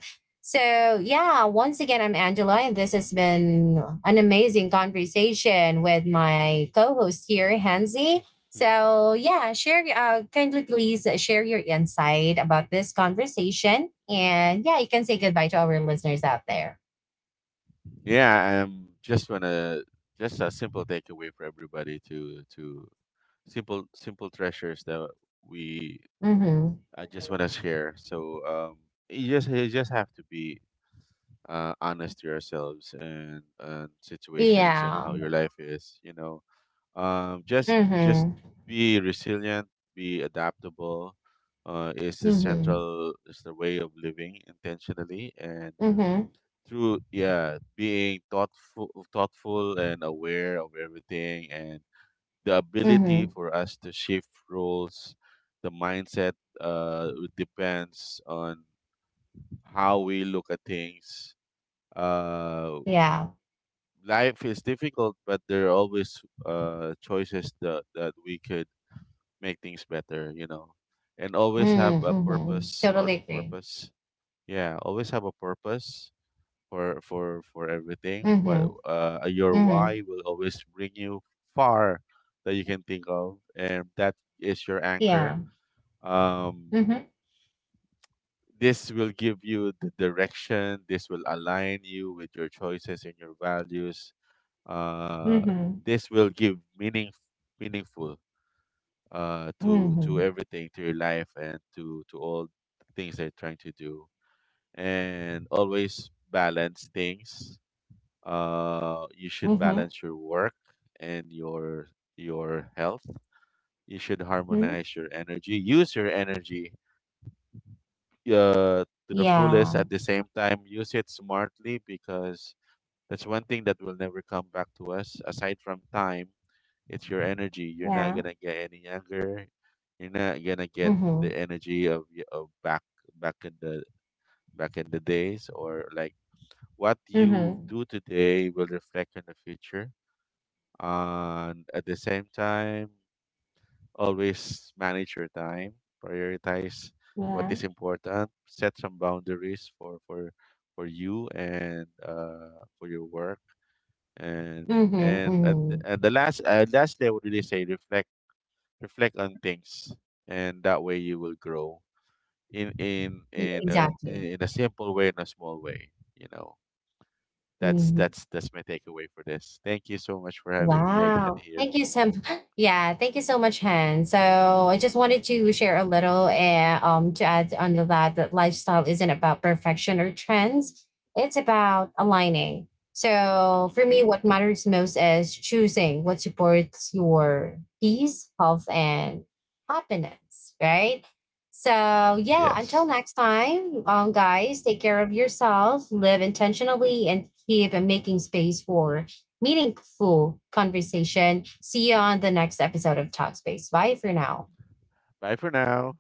Speaker 1: So, yeah, once again, I'm Angela, and this has been an amazing conversation with my co host here, Hansi.
Speaker 2: Hmm.
Speaker 1: So, yeah, share, kindly please share your insight about this conversation. And yeah, you can say goodbye to our listeners out there.
Speaker 2: Yeah, I'm just wanna just a simple takeaway for everybody to simple simple treasures that we
Speaker 1: Hmm.
Speaker 2: I just wanna share. So you just have to be uh, honest to yourselves and situations and
Speaker 1: Yeah.
Speaker 2: how your life is. You know. Just
Speaker 1: Mhm.
Speaker 2: be resilient, be adaptable. Is the
Speaker 1: Mhm.
Speaker 2: central is the way of living intentionally, and
Speaker 1: Mhm.
Speaker 2: through, yeah, being thoughtful and aware of everything, and the ability
Speaker 1: Mhm.
Speaker 2: for us to shift roles, the mindset. Uh, it depends on how we look at things. Uh,
Speaker 1: Yeah.
Speaker 2: life is difficult, but there are always uh, choices that we could make things better, you know. And always have
Speaker 1: Mm,
Speaker 2: a
Speaker 1: mhm.
Speaker 2: purpose
Speaker 1: Totally
Speaker 2: on
Speaker 1: agree.
Speaker 2: purpose. Yeah, always have a purpose for everything. What
Speaker 1: Mhm.
Speaker 2: uh, your why
Speaker 1: Mhm.
Speaker 2: will always bring you far, that you can think of, and that is your anchor.
Speaker 1: Yeah.
Speaker 2: Um,
Speaker 1: Mhm.
Speaker 2: this will give you the direction, this will align you with your choices and your values. Uh,
Speaker 1: Mhm.
Speaker 2: this will give meaning meaningful to
Speaker 1: Mhm.
Speaker 2: everything, to your life, and to all things they are trying to do. And always balance things. You should
Speaker 1: Mhm.
Speaker 2: balance your work and your health. You should
Speaker 1: Mhm.
Speaker 2: harmonize your energy. Use your energy to the fullest.
Speaker 1: Yeah.
Speaker 2: At the same time, use it smartly, because that's one thing that will never come back to us, aside from time. It's your energy. You're not
Speaker 1: Yeah.
Speaker 2: gonna get any younger. You're not gonna get the
Speaker 1: Mhm.
Speaker 2: energy of, of back back in the days, or like what you
Speaker 1: Mhm.
Speaker 2: do today will reflect in the future. And at the same time, always manage your time. Prioritize what
Speaker 1: Yeah.
Speaker 2: is important. Set some boundaries for you and for your work. And
Speaker 1: Mhm.
Speaker 2: at, the-
Speaker 1: Mhm.
Speaker 2: and the last lastly I would really say reflect on things, and that way you will grow
Speaker 1: Y-
Speaker 2: in a
Speaker 1: Exactly.
Speaker 2: simple way, in a small way, you know.
Speaker 1: Mhm.
Speaker 2: That's my takeaway for this. Thank you so much for having me again
Speaker 1: Wow.
Speaker 2: here.
Speaker 1: Thank you so yeah, thank you so much, Han. So I just wanted to share a little, um, to add on to that that lifestyle isn't about perfection or trends. It's about aligning. So for
Speaker 2: Hmm.
Speaker 1: me, what matters most is choosing what supports your peace, health, and happiness, right? So yeah, until
Speaker 2: Yes.
Speaker 1: next time, um, guys, take care of yourself, live intentionally, and keep making space for meaningful conversation. See you on the next episode of Talkspace. Bye for now.
Speaker 2: Bye for now.